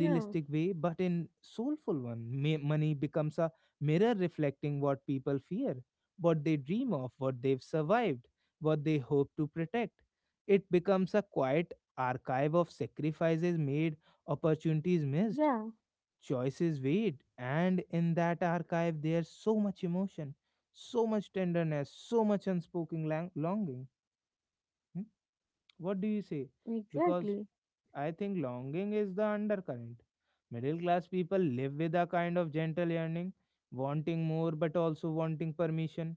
B: yeah,
A: way, but in soulful one. Money becomes a mirror reflecting what people fear, what they dream of, what they've survived, what they hope to protect. It becomes a quiet archive of sacrifices made, opportunities missed,
B: yeah,
A: choices wait, and in that archive there's so much emotion, so much tenderness, so much unspoken longing. Hmm? What do you say? Because
B: exactly.
A: I think longing is the undercurrent. Middle class people live with a kind of gentle yearning, wanting more but also wanting permission,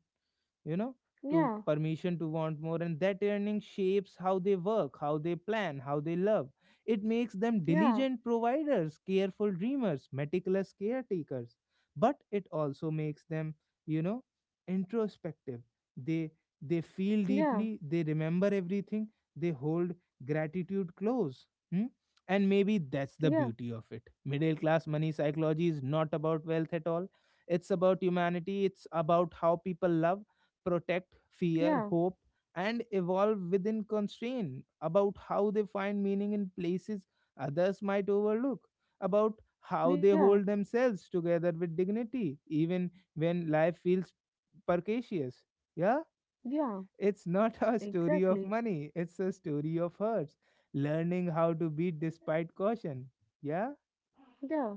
A: you know to
B: Yeah,
A: permission to want more. And that earning shapes how they work, how they plan, how they love. It makes them
B: yeah,
A: diligent providers, careful dreamers, meticulous caretakers, but it also makes them, you know introspective. They they feel
B: yeah,
A: deeply, they remember everything, they hold gratitude close. Hmm? And maybe that's the
B: yeah,
A: beauty of it. Middle class money psychology is not about wealth at all, it's about humanity. It's about how people love, protect, fear,
B: yeah,
A: hope, and evolve within constraint, about how they find meaning in places others might overlook, about how they
B: yeah,
A: hold themselves together with dignity, even when life feels precarious. Yeah?
B: yeah,
A: It's not a story of
B: exactly.
A: money, it's a story of hers learning how to beat despite caution. Yeah?
B: Yeah.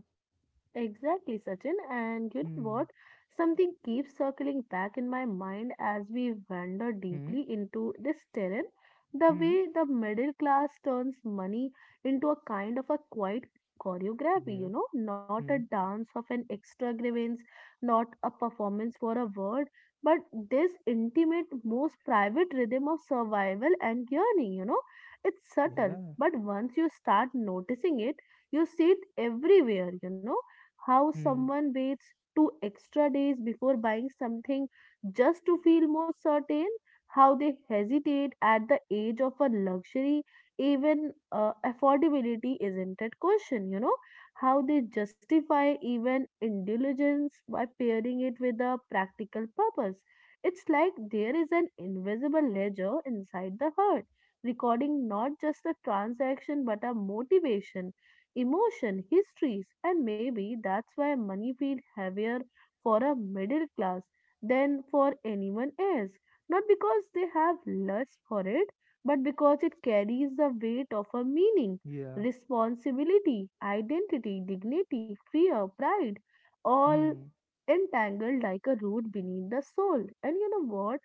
B: Exactly, Sachin. And you know what?
A: Hmm.
B: Something keeps circling back in my mind as we wander
A: Hmm.
B: deeply into this terrain. The
A: Hmm.
B: way the middle class turns money into a kind of a quiet choreography, you know, not a dance of an extravagance, not a performance for a word, but this intimate, most private rhythm of survival and yearning, you know, it's subtle,
A: Yeah.
B: but once you start noticing it, you see it everywhere, you know, how
A: Hmm. Yeah. Hmm.
B: someone waits 2 extra days before buying something just to feel more certain, how they hesitate at the age of a luxury, even affordability isn't at question, you know, how they justify even indulgence by pairing it with a practical purpose. It's like there is an invisible ledger inside the herd recording not just a transaction but a motivation emotion, histories, and maybe that's why money feels heavier for a middle class than for anyone else. Not because they have lust for it, but because it carries the weight of a meaning,
A: Yeah.
B: responsibility, identity, dignity, fear, pride, all
A: Hmm.
B: entangled like a root beneath the soul. And you know what?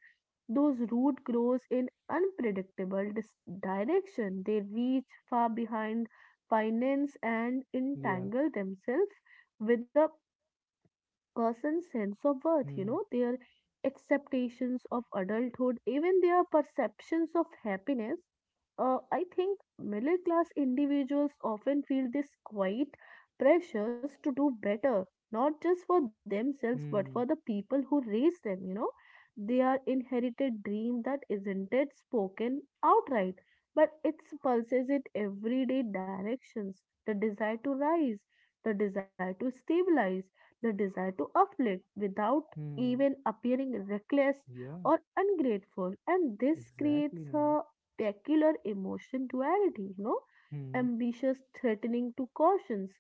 B: Those root grows in unpredictable direction. They reach far behind finance and
A: Yeah.
B: entangle themselves with a person's sense of worth, you
A: Hmm.
B: know, their acceptations of adulthood, even their perceptions of happiness. I think middle class individuals often feel this quiet pressures to do better, not just for themselves, but for the
A: Hmm.
B: people who raise them, you know. They are inherited dream that isn't it spoken outright, but it pulses in everyday directions. The desire to rise, the desire to stabilize, the desire to afflict without
A: Hmm.
B: even appearing reckless
A: Yeah.
B: or ungrateful. And this
A: Exactly,
B: creates
A: Neha.
B: a peculiar emotion duality, you know,
A: Hmm.
B: ambitious threatening to cautions.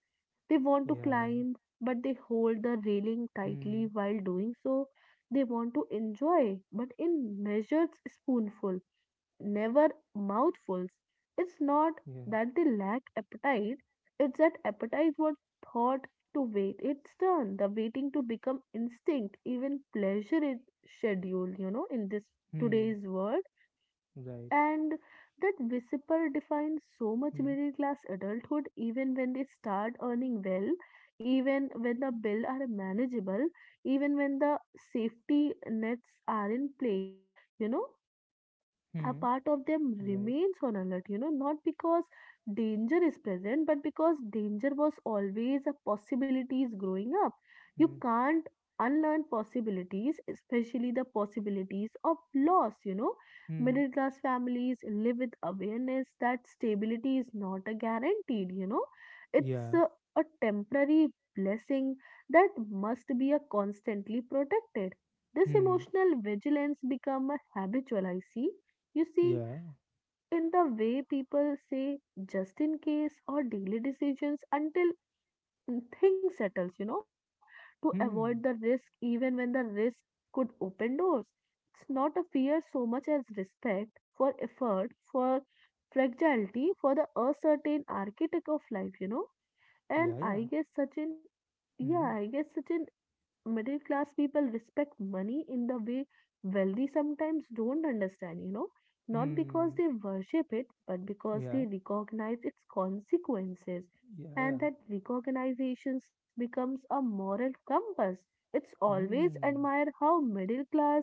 B: They want to
A: Yeah.
B: climb, but they hold the railing tightly
A: Hmm.
B: while doing so. They want to enjoy, but in measured spoonful, never mouthfuls. It's not
A: Yeah.
B: that they lack appetite, it's that appetite was thought to wait its turn, the waiting to become instinct, even pleasure is scheduled, you know, in this
A: Hmm.
B: today's world.
A: Right.
B: And that whisper defines so much
A: Hmm.
B: middle class adulthood, even when they start earning well, even when the bills are manageable, even when the safety nets are in place, you know, a
A: Hmm.
B: part of them
A: Right.
B: remains on alert, you know, not because danger is present, but because danger was always a possibilities growing up. You
A: Hmm.
B: can't unlearn possibilities, especially the possibilities of loss, you know.
A: Hmm.
B: Middle class families live with awareness that stability is not a guaranteed, you know. It's
A: Yeah.
B: a temporary blessing that must be a constantly protected. This
A: Hmm.
B: emotional vigilance become a habitual, I see, you see,
A: Yeah.
B: in the way people say just in case or daily decisions until things settles, you know, to avoid the
A: Hmm.
B: risk even when the risk could open doors. It's not a fear so much as respect for effort, for fragility, for the uncertain architect of life, you know. And
A: Yeah. Yeah.
B: I guess Sachin, yeah, I
A: Hmm.
B: guess Sachin, middle class people respect money in the way wealthy sometimes don't understand, you know, not because
A: Hmm.
B: they worship it, but because they
A: Yeah.
B: recognize its consequences.
A: Yeah. Yeah.
B: And that recognition becomes a moral compass. It's always
A: Hmm.
B: admire how middle class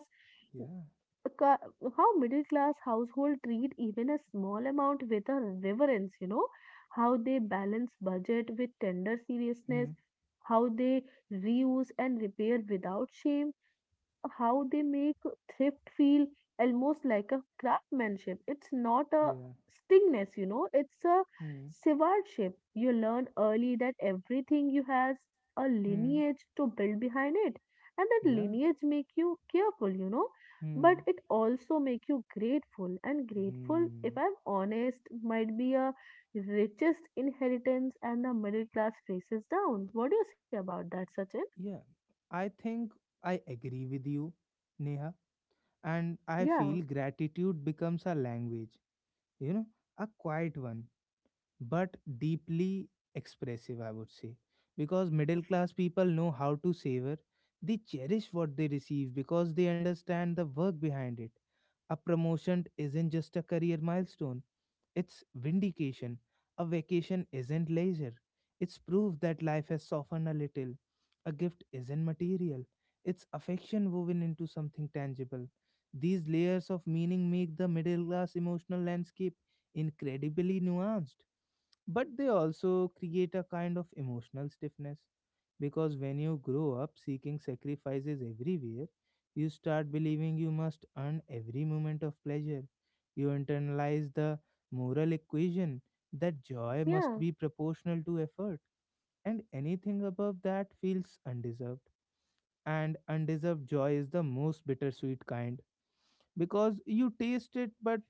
A: Yeah.
B: a ca- how middle class household treat even a small amount with a reverence, you know, how they balance budget with tender
A: Hmm.
B: seriousness, how they reuse and repair without shame, how they make thrift feel almost like a craftsmanship. It's not a
A: Yeah.
B: stingness, you know, it's a
A: Hmm.
B: stewardship. You learn early that everything you has a
A: Hmm.
B: lineage to build behind it. And that
A: Yeah.
B: lineage make you careful, you know, but
A: Hmm.
B: it also make you grateful. And grateful, if
A: Hmm.
B: I'm honest, might be a richest inheritance and the middle class faces down. What do you say about that, Sachin?
A: Yeah. I think I agree with you, Neha. And I
B: Yeah,
A: feel gratitude becomes a language, you know, a quiet one, but deeply expressive, I would say. Because middle class people know how to savor, they cherish what they receive because they understand the work behind it. A promotion isn't just a career milestone, it's vindication. A vacation isn't leisure. It's proof that life has softened a little. A gift isn't material. It's affection woven into something tangible. These layers of meaning make the middle class emotional landscape incredibly nuanced. But they also create a kind of emotional stiffness because when you grow up seeking sacrifices everywhere, you start believing you must earn every moment of pleasure. You internalize the moral equation that joy must
B: yeah,
A: be proportional to effort, and anything above that feels undeserved. And undeserved joy is the most bittersweet kind because you taste it but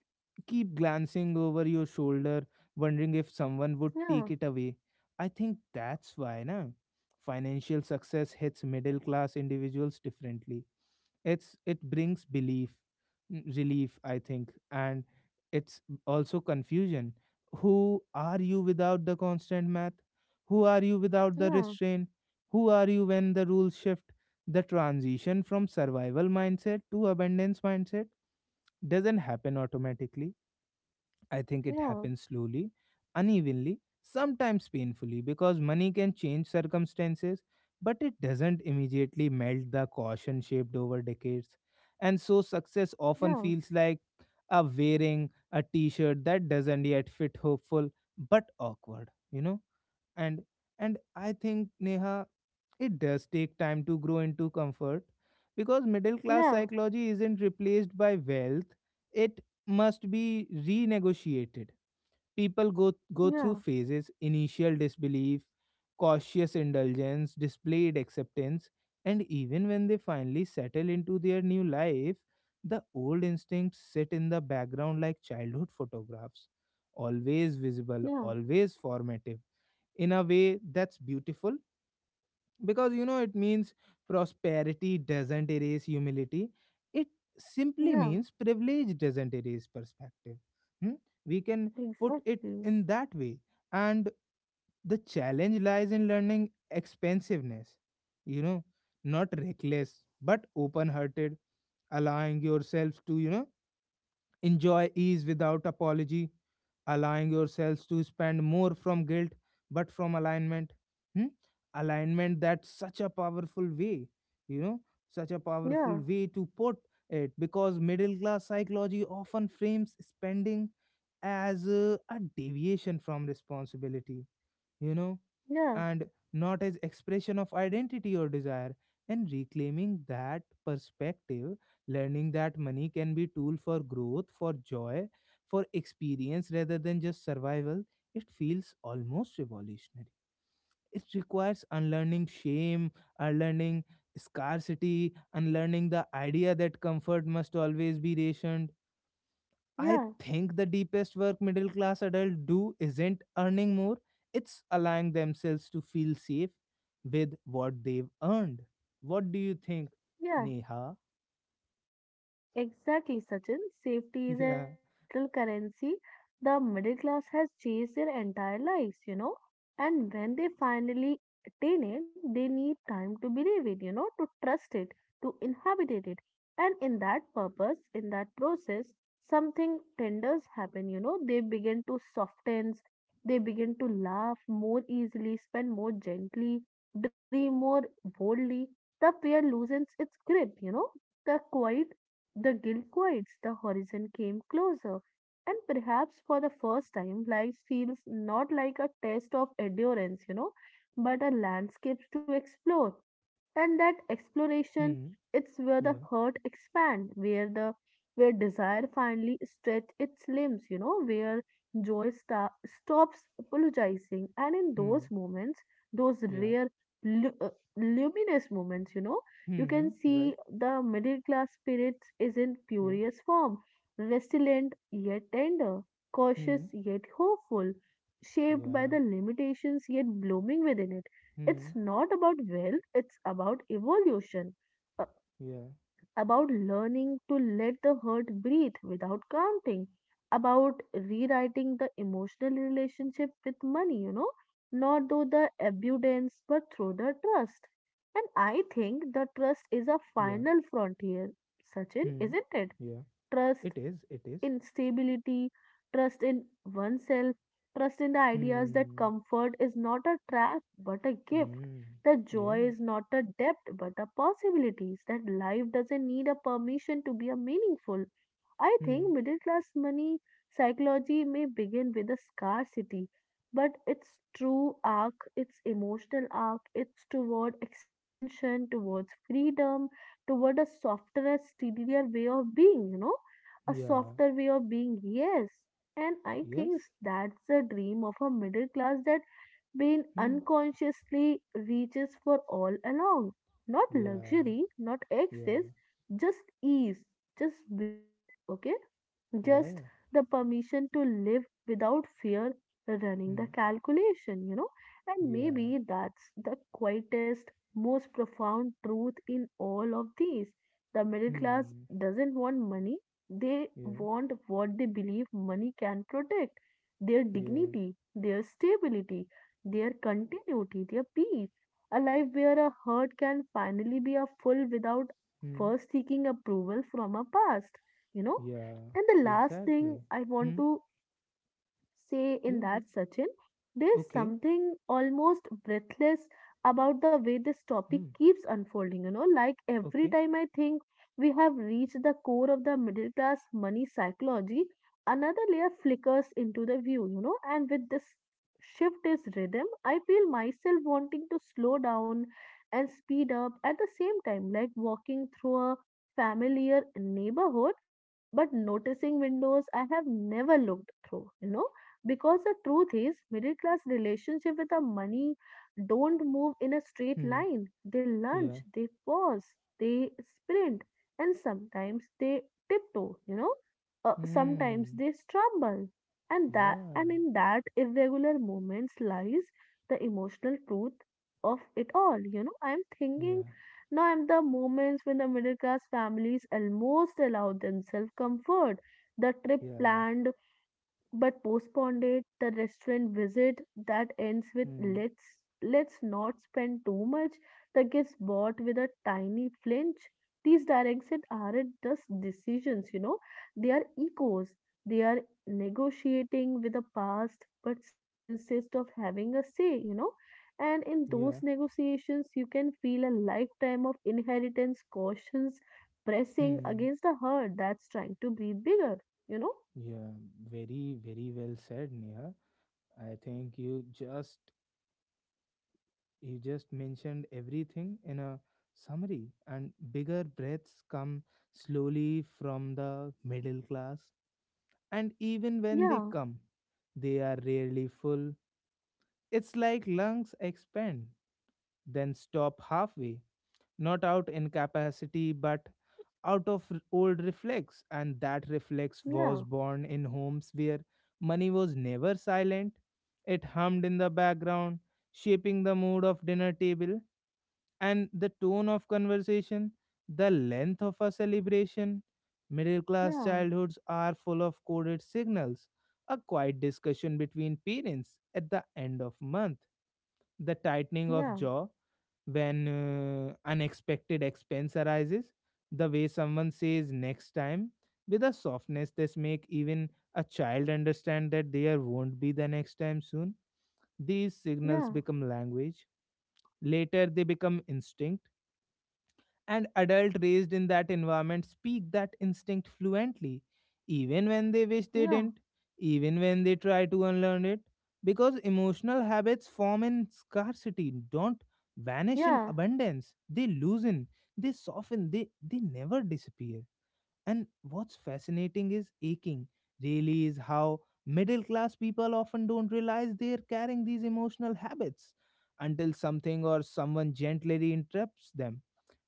A: keep glancing over your shoulder, wondering if someone would
B: yeah,
A: take it away. I think that's why, na, financial success hits middle class individuals differently. It's it brings belief, relief, I think, and it's also confusion. Who are you without the constant math? Who are you without the
B: yeah.
A: restraint? Who are you when the rules shift? The transition from survival mindset to abundance mindset doesn't happen automatically. I think it
B: Yeah,
A: happens slowly, unevenly, sometimes painfully, because money can change circumstances, but it doesn't immediately melt the caution shaped over decades. And so success
B: yeah,
A: often feels like a wearing a t shirt that doesn't yet fit, hopeful but awkward, you know? and and I think Neha, it does take time to grow into comfort because middle class
B: yeah,
A: psychology isn't replaced by wealth, it must be renegotiated. People go
B: yeah,
A: through phases, initial disbelief, cautious indulgence, displayed acceptance. And even when they finally settle into their new life, the old instincts sit in the background like childhood photographs, always visible,
B: yeah,
A: always formative, in a way that's beautiful because you know it means prosperity doesn't erase humility, it simply
B: yeah,
A: means privilege doesn't erase perspective. Hmm? We can put it
B: exactly.
A: in that way. And the challenge lies in learning expansiveness. you know Not reckless but open hearted, allowing yourselves to enjoy ease without apology, allowing yourselves to spend more from guilt but from alignment. Hmm? Alignment, that's such a powerful way, you know, such a powerful
B: Yeah,
A: way to put it, because middle class psychology often frames spending as a deviation from responsibility, you know,
B: yeah,
A: and not as expression of identity or desire. And reclaiming that perspective, learning that money can be tool for growth, for joy, for experience rather than just survival, it feels almost revolutionary. It requires unlearning shame, unlearning scarcity, unlearning the idea that comfort must always be rationed. I
B: yeah,
A: think the deepest work middle class adults do isn't earning more, it's allowing themselves to feel safe with what they've earned. What do you think,
B: yeah.
A: Neha?
B: Exactly, Sachin. Safety is an
A: Yeah.
B: emotional currency the middle class has chased their entire lives, you know. And when they finally attain it, they need time to believe it, you know, to trust it, to inhabit it. And in that purpose, in that process, something tenders happen, you know. They begin to soften, they begin to laugh more easily, spend more gently, dream more boldly. The fear loosens its grip, you know, the quiet, the guilt quiets, the horizon came closer, and perhaps for the first time, life feels not like a test of endurance, you know, but a landscape to explore. And that exploration,
A: Hmm.
B: it's where the
A: Yeah.
B: heart expand, where the, where desire finally stretch its limbs, you know, where joy stops apologizing. And in those
A: Hmm.
B: moments, those
A: Yeah.
B: rare lu- uh, luminous moments, you know, you
A: Hmm.
B: can
A: Hmm, right.
B: see the middle class spirits is in
A: Yeah.
B: purest form, resilient yet tender, cautious
A: Hmm.
B: yet hopeful, shaped by
A: Yeah.
B: the limitations yet blooming within it.
A: Hmm.
B: It's not about wealth, it's about evolution, uh,
A: Yeah.
B: about learning to let the hurt breathe without counting, about rewriting the emotional relationship with money, you know, not through the abundance but through the trust. And I think the trust is a
A: Yeah.
B: final frontier, Sachin,
A: Hmm.
B: isn't it?
A: Yeah.
B: Trust
A: It is. It is.
B: in stability, trust in oneself, trust in the ideas that
A: Hmm.
B: comfort is not a trap but a gift,
A: Hmm.
B: that joy
A: Yeah.
B: is not a debt but a possibilities, that life doesn't need a permission to be a meaningful, I think
A: Hmm.
B: middle class money psychology may begin with a scarcity, but its true arc, its emotional arc, it's toward expansion, towards freedom, toward a softer, steadier way of being, you know, a
A: Yeah.
B: softer way of being, yes. And I
A: Yes.
B: think that's the dream of a middle class that been
A: Hmm.
B: unconsciously reaches for all along. Not
A: Yeah.
B: luxury, not
A: Yeah.
B: excess, just ease, just breathe, okay,
A: Yeah.
B: just
A: Yeah.
B: the permission to live without fear running
A: Hmm.
B: the calculation, you know, and
A: Yeah.
B: maybe that's the quietest most profound truth in all of these, the middle class
A: Hmm.
B: doesn't want money, they
A: Yeah.
B: want what they believe money can protect, their
A: Yeah.
B: dignity, their stability, their continuity, their peace, a life where a hurt can finally be a full without
A: Hmm.
B: first seeking approval from a past, you know,
A: Yeah.
B: and the last thing
A: Exactly.
B: I want
A: Hmm.
B: to say
A: Yeah.
B: in
A: Yeah.
B: that, Sachin. There's
A: Okay.
B: something almost breathless about the way this topic
A: Hmm.
B: keeps unfolding, you know, like every
A: Okay.
B: time I think we have reached the core of the middle class money psychology, another layer flickers into the view, you know, and with this shift is rhythm, I feel myself wanting to slow down and speed up at the same time, like walking through a familiar neighborhood but noticing windows I have never looked through, you know, because the truth is middle class relationship with the money don't move in a straight
A: Hmm.
B: line, they
A: Yeah.
B: lunge, they pause, they sprint, and sometimes they tiptoe, you know, sometimes
A: Hmm.
B: they stumble. And that,
A: Yeah.
B: and in that irregular moments lies the emotional truth of it all, you know, I'm thinking
A: Yeah.
B: now I'm the moments when the middle class families almost allow themselves comfort, the trip
A: Yeah.
B: planned but postponed it, the restaurant visit that ends with
A: Hmm.
B: let's not spend too much. The gets bought with a tiny flinch, these directions aren't just decisions, you know, they are echoes, they are negotiating with the past but still insist of having a say, you know, and in those
A: Yeah.
B: negotiations you can feel a lifetime of inheritance cautions pressing
A: Hmm.
B: against a heart that's trying to breathe bigger, you know.
A: Yeah. Very, very well said, Neha. I think you just mentioned everything in a summary. And bigger breaths come slowly from the middle class. And even when they
B: Yeah,
A: come, they are rarely full. It's like lungs expand, then stop halfway, not out in capacity, but out of old reflex. And that reflex was
B: yeah.
A: born in homes where money was never silent. It hummed in the background, shaping the mood of dinner table and the tone of conversation, the length of a celebration. Middle class
B: Yeah,
A: childhoods are full of coded signals. A quiet discussion between parents at the end of month, the tightening of
B: yeah,
A: jaw when unexpected expense arises, the way someone says next time with a softness that make even a child understand that there won't be the next time soon. These signals
B: yeah,
A: become language. Later, they become instinct, and adults raised in that environment speak that instinct fluently, even when they wish they
B: yeah,
A: didn't, even when they try to unlearn it, because emotional habits form in scarcity, don't vanish in
B: yeah,
A: abundance. They loosen, they soften, they never disappear. And what's fascinating is aching, really, is how middle class people often don't realize they're carrying these emotional habits until something or someone gently interrupts them,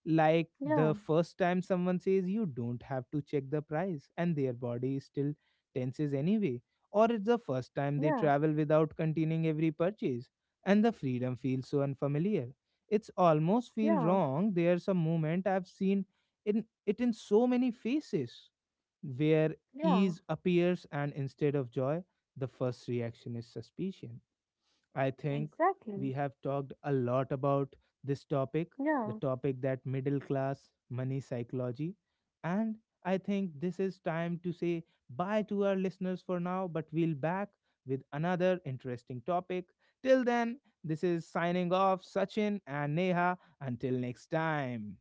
A: like
B: yeah,
A: the first time someone says you don't have to check the price and their body still tenses anyway, or it's the first time they
B: yeah,
A: travel without continuing every purchase and the freedom feels so unfamiliar. It's almost feel
B: yeah,
A: wrong. There's a moment I've seen in it in so many faces where
B: yeah,
A: ease appears and instead of joy, the first reaction is suspicion. I think
B: exactly.
A: we have talked a lot about this topic, the
B: Yeah,
A: topic that middle class money psychology. And I think this is time to say bye to our listeners for now, but we'll back with another interesting topic. Till then, this is signing off, Sachin and Neha. Until next time.